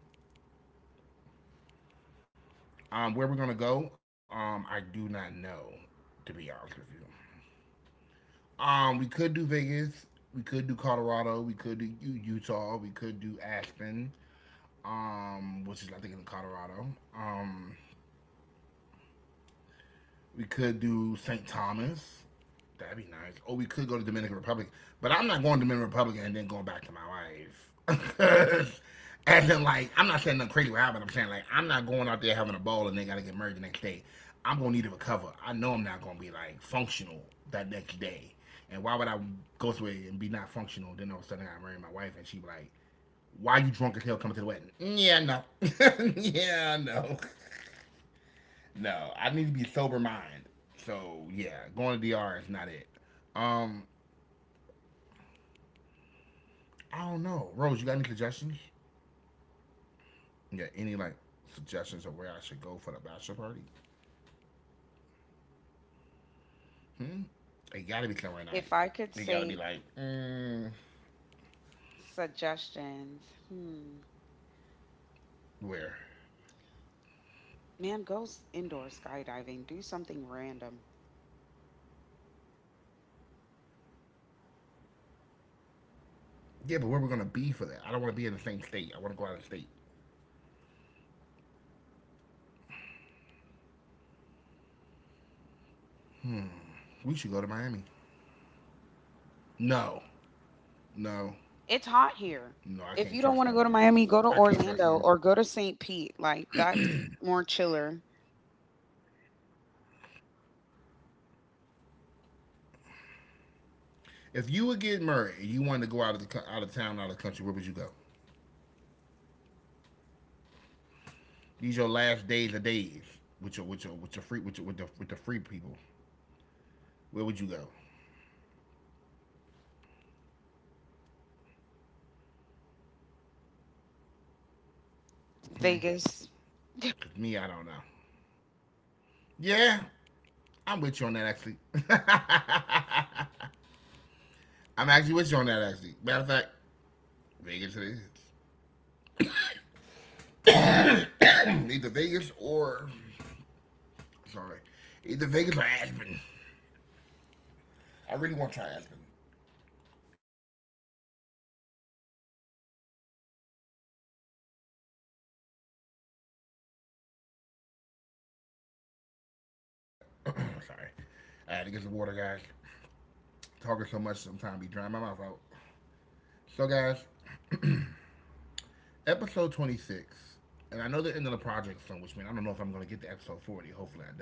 Where we're gonna go, I do not know, to be honest with you. We could do Vegas. We could do Colorado. We could do Utah. We could do Aspen, which is I think in Colorado. Um, we could do St. Thomas. That'd be nice. Or we could go to Dominican Republic, but I'm not going to Dominican Republic and then going back to my wife. As in, like, I'm not saying nothing crazy will happen. I'm saying, like, I'm not going out there having a ball and they got to get married the next day. I'm going to need to recover. I know I'm not going to be, like, functional that next day. And why would I go through it and be not functional? Then all of a sudden I got married my wife and she, like, why you drunk as hell coming to the wedding? Yeah, no. Yeah, no. No, I need to be sober mind. So yeah, going to DR is not it. Um, I don't know. Rose, you got any suggestions? You got any like suggestions of where I should go for the bachelor party? Hmm. It gotta be somewhere If I nice. could It say gotta be like, suggestions, hmm. where? Man, indoor skydiving. Do something random. Yeah, but where we're gonna be for that? I don't want to be in the same state. I want to go out of state. We should go to Miami. No, no, It's hot here. no. I can't If trust you them, don't want to go to Miami. Miami, I go to can't trust them. Orlando or go to St. Pete. Like, that's more chiller. If you would get married and you wanted to go out of town, out of the country, where would you go? These your last days with your free with the free people. Where would you go? Vegas. Cause me, I don't know. Yeah, I'm with you on that actually. I'm actually with you on that actually. Matter of fact, Vegas it is. Either Vegas or sorry, either Vegas or Aspen. I really want to try Aspen. My bad, guys. My bad. My bad. Sorry. I had to get some water, guys. Talking so much sometimes be drying my mouth out. So, guys, episode 26, and I know the end of the project soon, which means I don't know if I'm going to get to episode 40. Hopefully, I do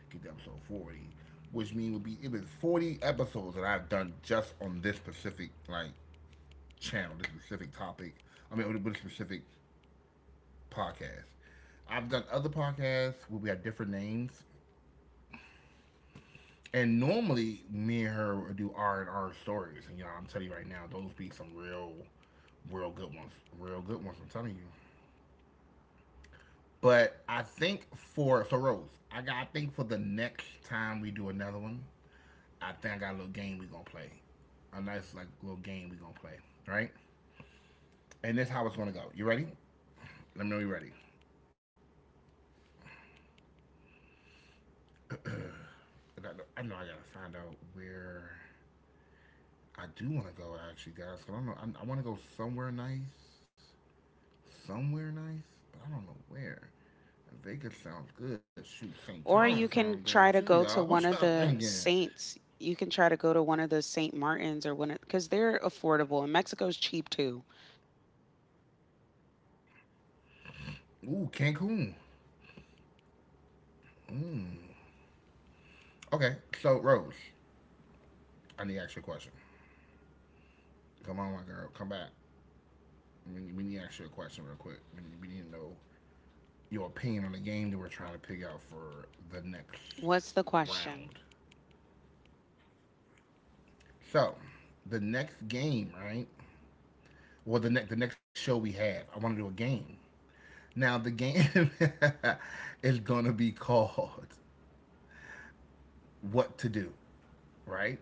get to episode 40, which means it would be it was 40 episodes that I've done just on this specific like channel, this specific topic. I mean, with this specific podcast. I've done other podcasts where we have different names, and normally me and her would do R and R stories. And y'all, I'm telling you right now, those be some real, real good ones. Real good ones. I'm telling you. But I think for so Rose, I think for the next time we do another one, I think I got a little game we gonna play, a nice like little game we gonna play, right? And this is how it's gonna go. You ready? Let me know you ready. I, got, I know I gotta find out where I do want to go actually, guys. Cause I don't know I want to go somewhere nice, but I don't know where. Vegas sounds good. Shoot, St. Thomas Or sounds you good can too, try y'all. to What go y'all to one of thinking? the Saints. You can try to go to one of the St. Martins or one of, because they're affordable and Mexico's cheap too. Ooh, Cancun. Mmm. Okay, so Rose, I need to ask you a question. Come on, my girl, come back. We need to ask you a question real quick. We need to know your opinion on the game that we're trying to pick out for the next What's the question? round. So, the next game, right? Well, the next show we have, I want to do a game. Now, the game is gonna be called "What to Do," right?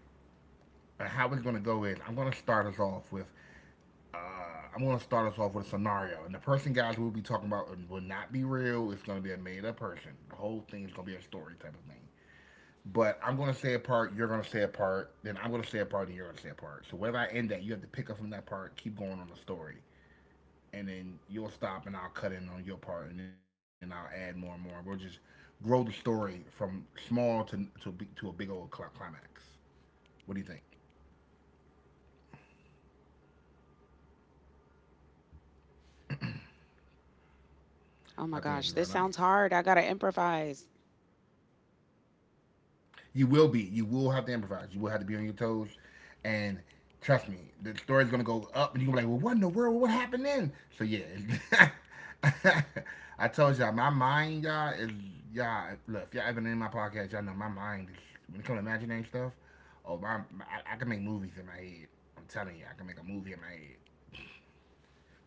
And how it's gonna go is I'm gonna start us off with Uh, I'm going to start us off with a scenario. And the person, guys, we'll be talking about will not be real. It's going to be a made up person. The whole thing is going to be a story type of thing. But I'm going to say a part, you're going to say a part, then I'm going to say a part, and you're going to say a part. So wherever I end at, you have to pick up from that part, keep going on the story. And then you'll stop, and I'll cut in on your part, and then I'll add more and more. We'll just grow the story from small to a big old climax. What do you think? Oh my I think it'd gosh, be this real sounds nice. hard. I got to improvise. You will be. You will have to improvise. You will have to be on your toes. And trust me, the story's gonna go up, and you're gonna be like, "Well, what in the world? What happened then?" So yeah, I told y'all, my mind, y'all is y'all. Look, if y'all ever been in my podcast, y'all know my mind is when it comes to imagining stuff. Can make movies in my head. I'm telling you, I can make a movie in my head.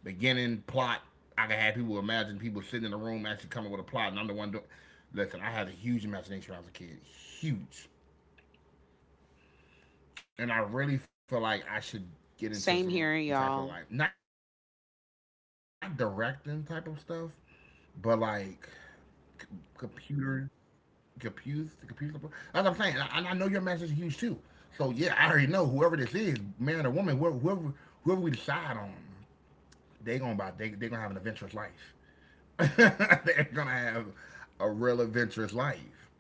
Beginning plot, I can have people imagine people sitting in the room actually coming with a plot, and I'm the one doing. Listen, I had a huge imagination when I was a kid. Huge. And I really feel like I should get into some Same type of here, like not y'all. directing type of stuff, but like c- computer, computer support. That's what I'm saying, and I know your message is huge too. So yeah, I already know whoever this is, man or woman, whoever we decide on, they gonna have an adventurous life. They're gonna have a real adventurous life.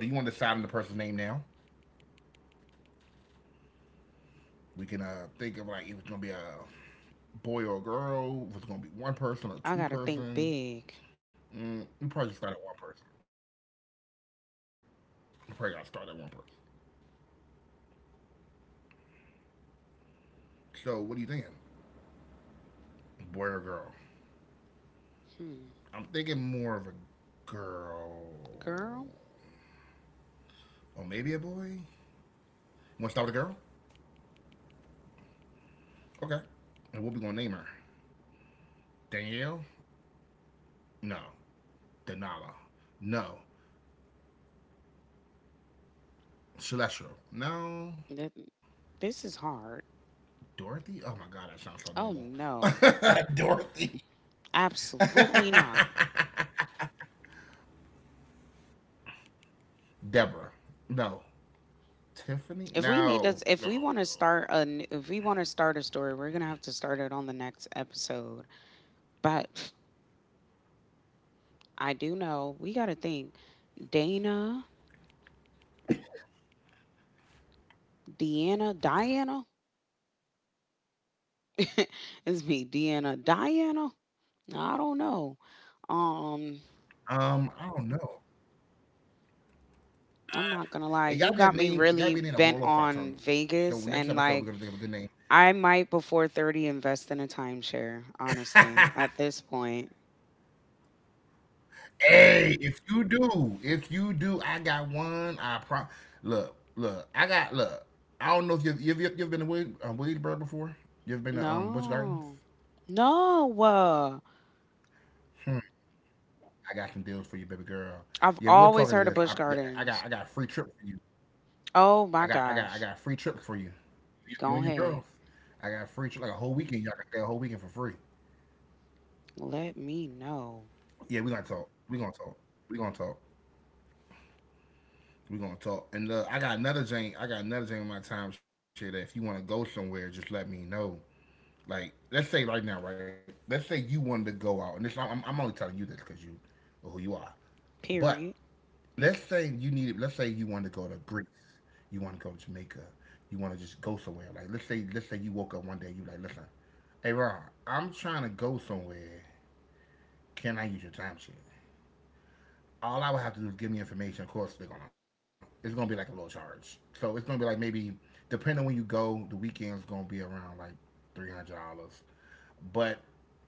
So do you want to decide on the person's name now? We can think of like if it's gonna be a boy or a girl, if it's gonna be I got one to think person or two big. person. We probably just start at one person. We probably gotta start at one person. So what are you thinking? Boy or girl? Hmm. I'm thinking more of a girl. Girl, Or maybe a boy? Wanna start with a girl? Okay. And what we gonna name her? Danielle? No. Denala? No. Celestial? th- No. this is hard. Dorothy? Oh my god, that sounds so Oh normal. no, Dorothy. absolutely not. Deborah. No. Tiffany? If we need No. us, if No, we want to start a, n- if we want to start a story, we're gonna have to start it on the next episode. But I do know we gotta think. Dana, Deanna, Diana. it's me, Deanna, Diana. I don't know. no. Um, I don't know. I'm It gotta not be a gonna lie. name. It You gotta got be a me name that roll really off our tongue. bent on So next Vegas, episode we're gonna and think of a good like, name. I might before 30 invest in a timeshare. Honestly, at this point. Hey, if you do, I got one. I pro. Look, look. I got look. I don't know if you've been to Wade, Wadesburg before. You've been to Busch Gardens. No. No. Hmm, I got some deals for you, baby girl. I've Yeah, we'll talk always into heard of this. I, Busch yeah, I Gardens. got a free trip for you. Oh my I got gosh. a free trip for you. You and Go your girls. ahead. I got a free trip like a whole weekend. Y'all can stay a whole weekend for free. Let me know. Yeah, we gonna talk. We gonna talk. We gonna talk. We gonna talk. And I got another Jane. I got another Jane in my time share that if you want to go somewhere, just let me know. Like let's say right now, right? Let's say you wanted to go out, and this I'm only telling you this because you or who you are. But Period. let's say you needed. Let's say you wanted to go to Greece. You want to go to Jamaica. You want to just go somewhere. Like let's say you woke up one day. You like listen. Hey, Ron, I'm trying to go somewhere. Can I use your timesheet? All I would have to do is give me information. Of course, they're gonna. It's gonna be like a little charge. So it's gonna be like maybe, depending on when you go, the weekend's gonna be around like $300. But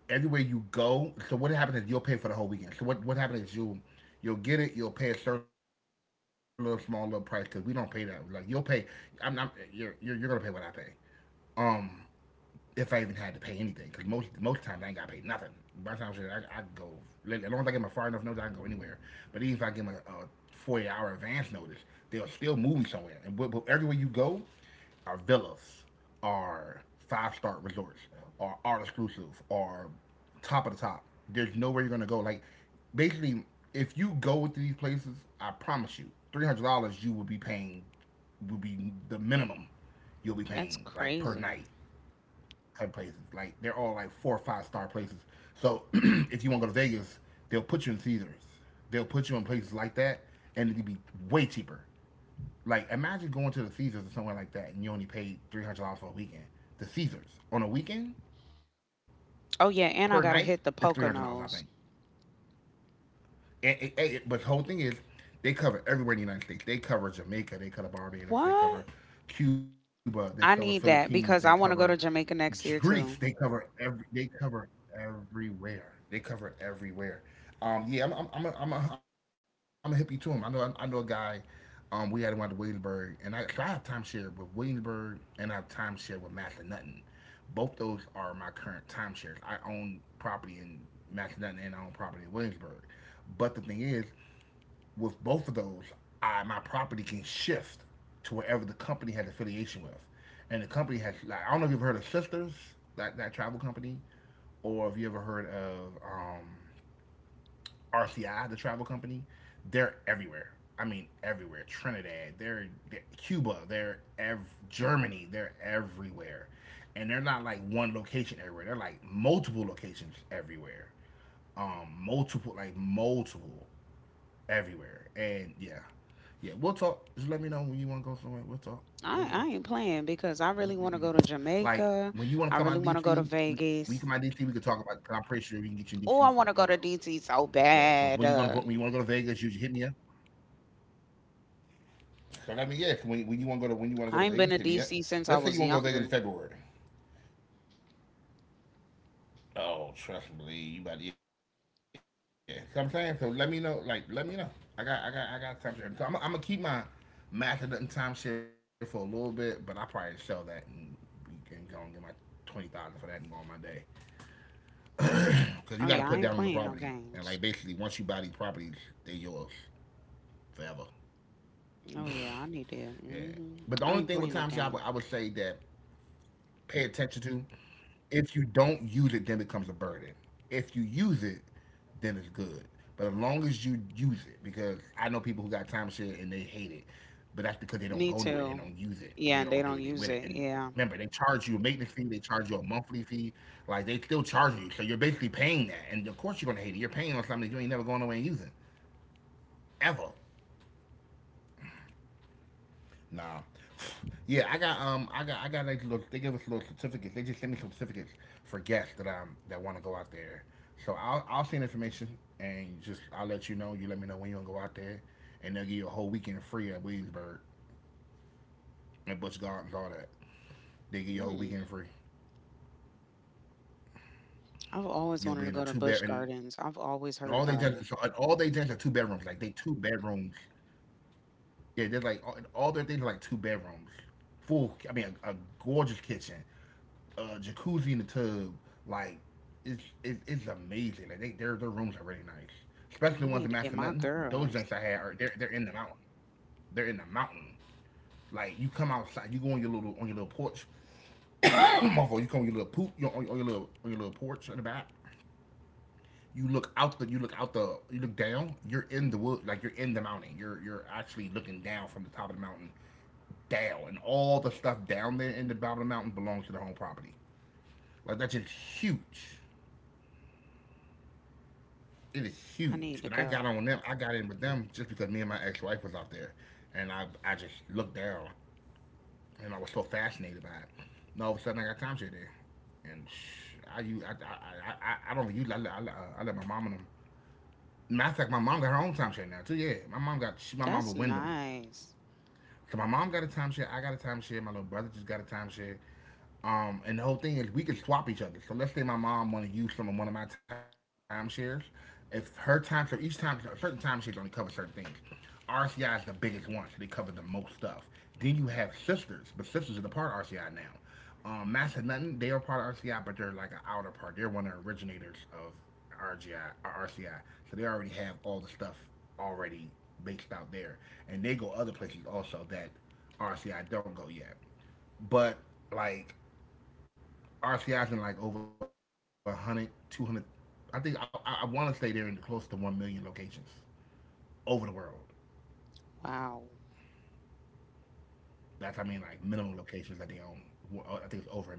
everywhere you go, so what happens is you'll pay for the whole weekend. So what happens is you'll get it. You'll pay a certain little small little price because we don't pay that. Like you'll pay. I'm not. You're gonna pay what I pay. Um, if I even had to pay anything, because most times I ain't got to pay nothing. By the time shit, I go as long as I get my far enough notice, I can go anywhere. But even if I get my 40 hour advance notice, they'll still move me somewhere. And but everywhere you go, are villas, are five-star resorts, are art exclusive, are top of the top. There's nowhere you're gonna go. Like basically, if you go to these places, I promise you, $300 you will be paying will be the minimum you'll be That's paying like per night crazy. type places. Like they're all like four or five-star places. So if you want to go to Vegas, they'll put you in Caesars. They'll put you in places like that, and it'd be way cheaper. Like imagine going to the Caesars or somewhere like that, and you only paid $300 for a weekend. The Caesars on a weekend Oh yeah, per and I night gotta is hit the $300, I think. Poconos. But the whole thing is, they cover everywhere in the United States. They cover Jamaica. They cover Barbados. They What? cover Cuba. They cover I need Philippines. that, They because I want cover to go to Jamaica next year Greece. too. They cover everywhere. They cover everywhere. Yeah, I'm a hippie to him. I know a guy. We had him out to Williamsburg, and I, so I have timeshare with Williamsburg, and I have timeshare with Massanutten. Both those are my current timeshares. I own property in Massanutten, and I own property in Williamsburg. But the thing is, with both of those, I my property can shift to wherever the company has affiliation with, and the company has like I don't know if you've heard of Sisters that travel company, or if you ever heard of RCI the travel company. They're everywhere. I mean everywhere. Trinidad, they're Cuba, they're ev- Germany, they're everywhere, and they're not like one location everywhere. They're like multiple locations everywhere. Multiple like multiple everywhere, and yeah, yeah, we'll talk. Just let me know when you want to go somewhere. We'll talk. I, We'll I talk. ain't playing, because I really want to We can go to talk. Like Jamaica. when you want to I come really out want to go to DC, we, when you Vegas. come out DC, we can talk about it, 'cause I'm pretty sure we can get you in Oh, I DC want for to the go to Molo. DC so Yeah, for bad. when you gonna vo- when you want to go to Vegas, you just hit me up. So let me yeah. When you want to go to when you want to go I to ain't been Vegas, to hit me up. DC since I Let's say was you want to go to Vegas younger. in February. Oh, trust me, you about to, yeah. So I'm saying, so let me know, like, let me know. I got time share. So I'm gonna keep my math and time share for a little bit, but I probably sell that and we can go and get my 20,000 for that and go on my day. Because you Oh got to yeah, I put ain't down on the playing no property, and games. like basically, once you buy these properties, they're yours forever. Oh yeah, I need that. Yeah. Hmm. But the I only ain't thing with playing no time share, game. I would say that pay attention to. If you don't use it, then it becomes a burden. If you use it, then it's good. But as long as you use it, because I know people who got time shit and they hate it, but that's because they don't go Me anywhere. They don't too. use it. They Yeah, don't and do they anything don't with it. use And it. Yeah. remember, they charge you a maintenance fee. They charge you a monthly fee. Like they still charge you, so you're basically paying that. And of course, you're gonna hate it. You're paying on something that you ain't never going away and using ever. Nah. Yeah, I got like little. They give us little certificates. They just send me some certificates for guests that that want to go out there. So I'll send information and just I'll let you know. You let me know when you want to go out there, and they'll give you a whole weekend free at Williamsburg, at Busch Gardens, all that. Mm. They give you a whole weekend free. I've always wanted to go to Busch You'll be Gardens. in a I've two bed always and heard all they about it. just so, and all they just are two bedrooms. Like they two bedrooms. Yeah, they're like all their things are like two bedrooms full. I mean, a gorgeous kitchen. Jacuzzi in the tub. Like it's amazing. Like they their rooms are really nice, Oh, I need especially to the ones get in my Massanutten. girls. Those joints I had are they're in the mountain. They're in the mountain. Like you come outside, you go on your little porch. you come on your little poop, you on your little porch in the back. You look down. You're in the wood, like you're in the mountain. You're actually looking down from the top of the mountain down, and all the stuff down there in the bottom of the mountain belongs to the home property. Like that's just huge. It is I need huge. to And I got go. on them. I got in with them just because me and my ex-wife was out there, and I just looked down, and I was so fascinated by it. And all of a sudden, I got time share there, and I you I, don't use I let my mom and them. Matter of fact, my mom got her own time share now too. Yeah, my mom That's with Wyndham, nice. cause my mom got a timeshare, I got a timeshare, my little brother just got a timeshare. And the whole thing is we can swap each other. So let's say my mom want to use some of one of my timeshares. If her time, so each time, so certain timeshares only cover certain things. RCI is the biggest one, so they cover the most stuff. Then you have sisters, but sisters are the part of RCI now. Mass and Nothing, they are part of RCI, but they're like an outer part. They're one of the originators of RGI or RCI. So they already have all the stuff already based out there, and they go other places also that RCI don't go yet. But like RC is in like over 100, 200. I think I, I want to say they're in close to 1,000,000 locations over the world. Wow. That's I mean like minimum locations that they own. Well, I think it's over 1,000,000.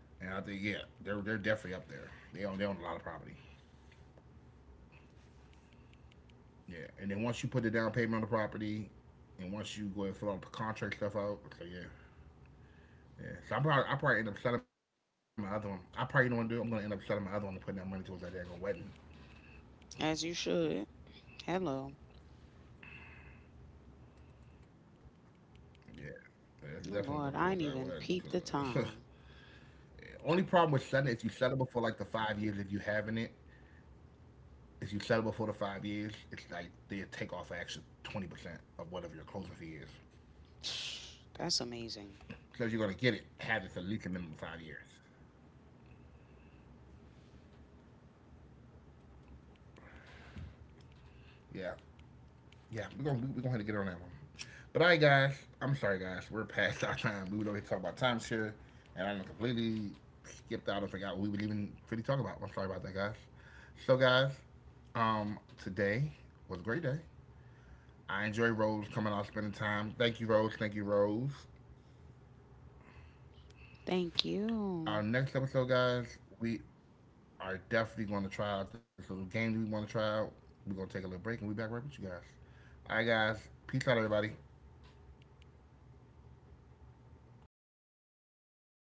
And I think yeah, they're definitely up there. They own a lot of property. Yeah, and then once you put the down payment on the property, and once you go and fill out the contract stuff out, so yeah, yeah, so I probably end up selling my other one. I probably don't want to do it. I'm gonna end up selling my other one and putting that money towards that daggone wedding. As you should. Hello. Yeah, yeah, it's definitely going towards Oh that Lord, wedding. I ain't even 'Cause, peeped the time. only problem with selling is you sell it before like the 5 years if you having it. If you sell it before the 5 years, it's like they take off an extra 20% of whatever your closing fee is. That's amazing. So if you're gonna get it, have it for at least a minimum of 5 years. Yeah. Yeah, we're gonna have to get on that one. But all right, guys, I'm sorry, guys, we're past our time. We were over here talking about timeshare, and I completely skipped out and forgot what we would even really talk about. I'm sorry about that, guys. So, guys, today was a great day. I enjoy Rose coming out spending time. Thank you, Rose. Thank you, Rose. Thank you. Our next episode, guys, we are definitely going to try out this little game that we want to try out. We're going to take a little break and we'll be back right with you guys. All right, guys. Peace out, everybody.